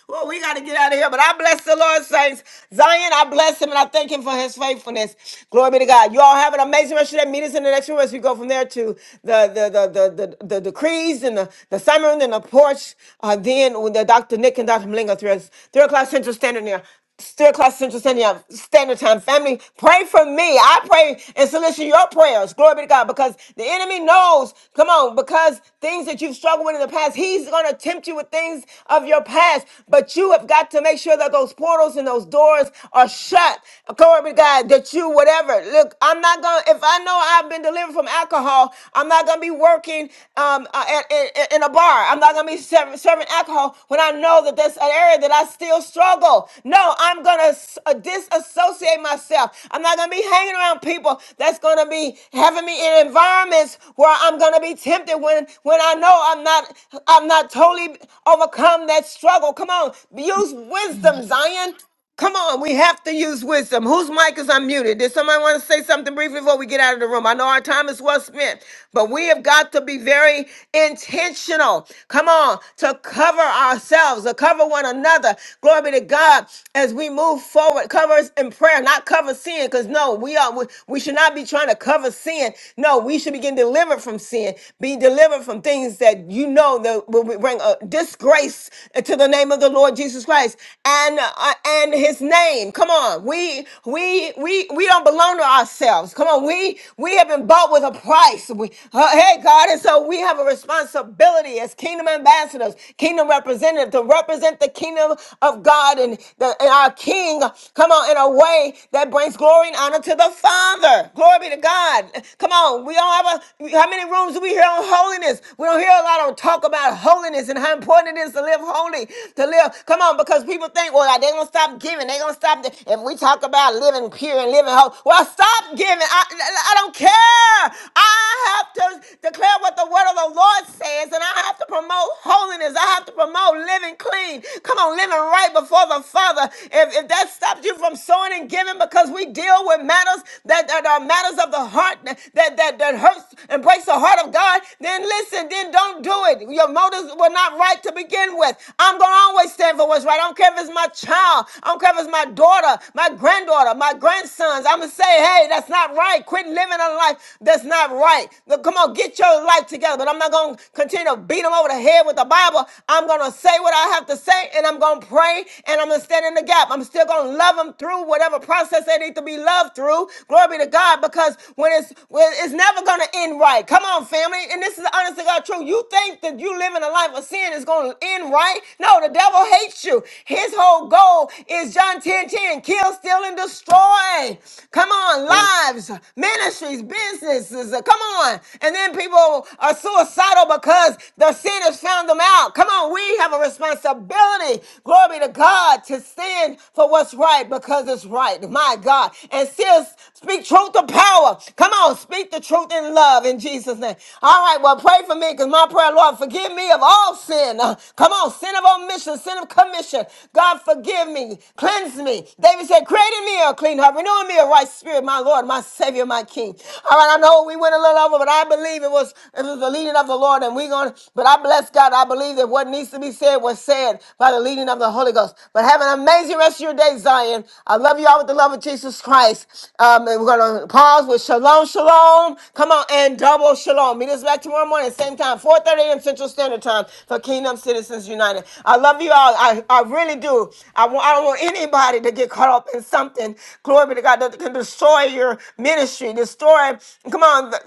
Speaker 1: Well, we got to get out of here, but I bless the Lord, saints. Zion, I bless him and I thank him for his his faithfulness. Glory be to God. You all have an amazing rest of that. Meet us in the next room as we go from there to the the the the the, the decrees and the, the sermon and the porch. Uh, then with the Dr. Nick and Dr. Malinga three, three o'clock Central Standard there. Still class central standard Standard time family. Pray for me. I pray and solicit your prayers. Glory be to God. Because the enemy knows, come on, because things that you've struggled with in the past, he's gonna tempt you with things of your past. But you have got to make sure that those portals and those doors or shut. Glory to God that you, whatever. Look, I'm not going to, if I know I've been delivered from alcohol, I'm not going to be working um, uh, at- in, in a bar. I'm not going to be serving, serving alcohol when I know that that's an area that I still struggle. No, I'm going to disassociate myself. I'm not going to be hanging around people that's going to be having me in environments where I'm going to be tempted when, when I know I'm not, I'm not totally overcome that struggle. Come on, use wisdom, Zion. Come on, we have to use wisdom. Whose mic is unmuted? Did somebody want to say something briefly before we get out of the room? I know our time is well spent, but we have got to be very intentional. Come on, to cover ourselves, to cover one another. Glory be to God as we move forward. Cover us in prayer, not cover sin, because no, we are we, we should not be trying to cover sin. No, we should be getting delivered from sin, be delivered from things that you know that will bring a disgrace to the name of the Lord Jesus Christ. Jesus Christ and uh, and His name. Come on, we we we we don't belong to ourselves. Come on, we we have been bought with a price. We, uh, hey God, and so we have a responsibility as kingdom ambassadors, kingdom representative to represent the kingdom of God and the and our King. Come on, in a way that brings glory and honor to the Father. Glory be to God. Come on, we don't have a how many rooms do we hear on holiness? We don't hear a lot on talk about holiness and how important it is to live live holy, to live. Come on, because people think, well, they're going to stop giving. They're going to stop. th- If we talk about living pure and living holy, well, stop giving. I, I don't care. I have to declare what the word of the Lord says, and I have to promote holiness. I have to promote living clean. Come on, living right before the Father. If, if that stops you from sowing and giving because we deal with matters that, that are matters of the heart that, that, that hurts and breaks the heart of God, then then listen, then don't do it. Your motives were not right to begin with. I'm going to always stand for what's right. I don't care if it's my child. I don't care if it's my daughter, my granddaughter, my grandsons. I'm going to say, hey, that's not right. Quit living a life that's not right. Look, Come on, get your life together. But I'm not going to continue to beat them over the head with the Bible. I'm going to say what I have to say and I'm going to pray and I'm going to stand in the gap. I'm still going to love them through whatever process they need to be loved through. Glory be to God because when it's, when it's never going to end right. Come Come on, family. And this is honest to God true. You think that you living a life of sin is going to end right? No, the devil hates you. His whole goal is John 10 10, kill, steal, and destroy. Come on, lives, ministries, businesses. uh, Come on. And then people are suicidal because the sin has found them out. Come on, we have a responsibility. Glory be to God to stand for what's right because it's right. My God. And still speak truth to power. Come on, speak the truth truth, and love in Jesus' name. All right, well, pray for me because my prayer, Lord, forgive me of all sin. Uh, come on, sin of omission, sin of commission. God, forgive me, cleanse me. David said, Create in me a clean heart, renew in me a right spirit, my Lord, my Savior, my King. All right, I know we went a little over, but I believe it was it was the leading of the Lord, and we're going to, but I bless God. I believe that what needs to be said was said by the leading of the Holy Ghost. But have an amazing rest of your day, Zion. I love you all with the love of Jesus Christ. Um, and we're going to pause with Shalom. Shalom, shalom. Come on and double shalom. Meet us back tomorrow morning, same time, 4.30 a.m. Central Standard Time for Kingdom Citizens United. I love you all. I, I really do. I, want, I don't want anybody to get caught up in something, glory be to God, that can destroy your ministry, destroy, come on, the,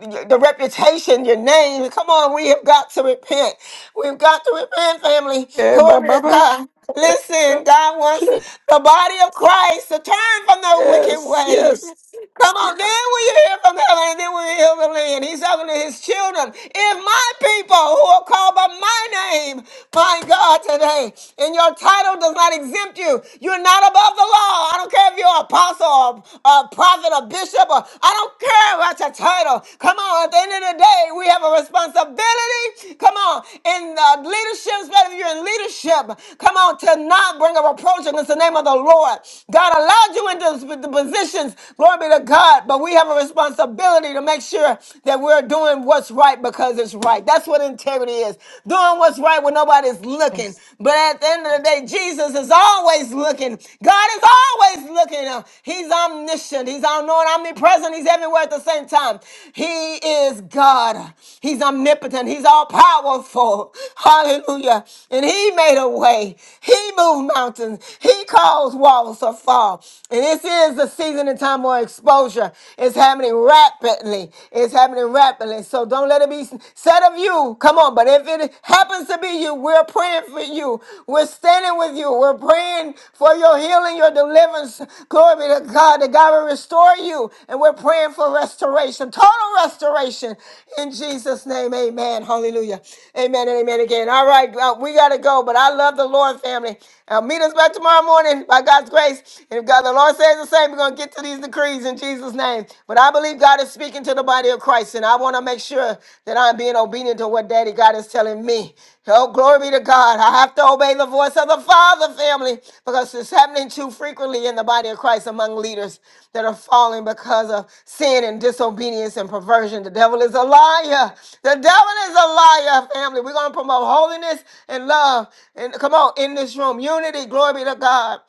Speaker 1: the, the, the reputation, your name. Come on, we have got to repent. We've got to repent, family.
Speaker 7: Yeah, bye,
Speaker 1: Glory be
Speaker 7: bye,
Speaker 1: to
Speaker 7: bye.
Speaker 1: God. Listen, God wants the body of Christ to turn from their wicked
Speaker 7: Yes, yes.
Speaker 1: ways. Come on, then will you hear from heaven, and then will you hear from the land. He's talking to his children. If my people who are called by my name, my God, today, and your title does not exempt you, you're not above the law. I don't care if you're an apostle, or a prophet, or bishop, or I don't care about your title. Come on, at the end of the day, we have a responsibility. Come on, in the leadership, especially if you're in leadership, come on, to not bring a reproach against the name of the Lord. God allowed you into this position positions. Glory be to God. But we have a responsibility to make sure that we're doing what's right because it's right. That's what integrity is. Doing what's right when nobody's looking. But at the end of the day, Jesus is always looking. God is always looking. Uh, He's omniscient. He's all knowing, omnipresent. He's everywhere at the same time. He is God. He's omnipotent. He's all powerful. (laughs) Hallelujah. And He made a way. He moved mountains. He caused walls to fall. And this is the season and time where exposure is happening rapidly. It's happening rapidly. So don't let it be said of you. Come on, but if it happens to be you, we're praying for you. We're standing with you. We're praying for your healing, your deliverance. Glory be to God that God will restore you. And we're praying for restoration, total restoration in Jesus' name. Amen. Hallelujah. Amen and amen again. All right, uh, we got to go, but I love the Lord, family. Uh, meet us back tomorrow morning by God's grace says. If God, the Lord says the same, we're going to get to these decrees in Jesus' name. But I believe God is speaking to the body of Christ, and I want to make sure that I'm being obedient to what Daddy God is telling me. Oh, glory be to God. I have to obey the voice of the Father family because it's happening too frequently in the body of Christ among leaders that are falling because of sin and disobedience and perversion. The devil is a liar. The devil is a liar, family. We're going to promote holiness and love. And come on, in this room, unity, glory be to God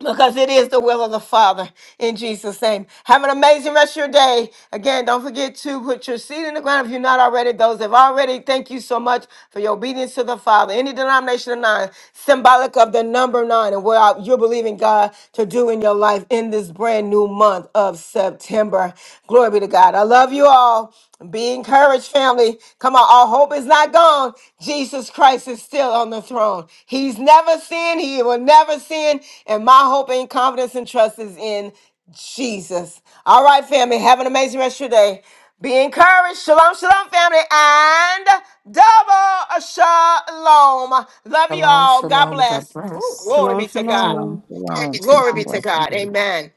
Speaker 1: because it is the will of the Father in Jesus' name. Have an amazing rest of your day. Again, don't forget to put your seed in the ground if you're not already. Those that have already, thank you so much for your obedience to the Father. Any denomination of nine, symbolic of the number nine and what you're believing God to do in your life in this brand new month of September. Glory be to God. I love you all. Be encouraged, family. Come on, our hope is not gone. Jesus Christ is still on the throne. He's never sinned, He will never sin. And my hope and confidence and trust is in Jesus. All right, family, have an amazing rest of your day. Be encouraged. Shalom, shalom, family, and double shalom. Love you
Speaker 7: Shalom,
Speaker 1: all. God
Speaker 7: shalom. God
Speaker 1: bless. Ooh,
Speaker 7: bless.
Speaker 1: glory
Speaker 5: Shalom,
Speaker 1: be to God.
Speaker 12: Shalom,
Speaker 5: shalom.
Speaker 12: shalom.
Speaker 1: Glory
Speaker 12: Peace and
Speaker 1: be to
Speaker 12: blessings,
Speaker 1: God.
Speaker 12: everyone.
Speaker 1: Amen.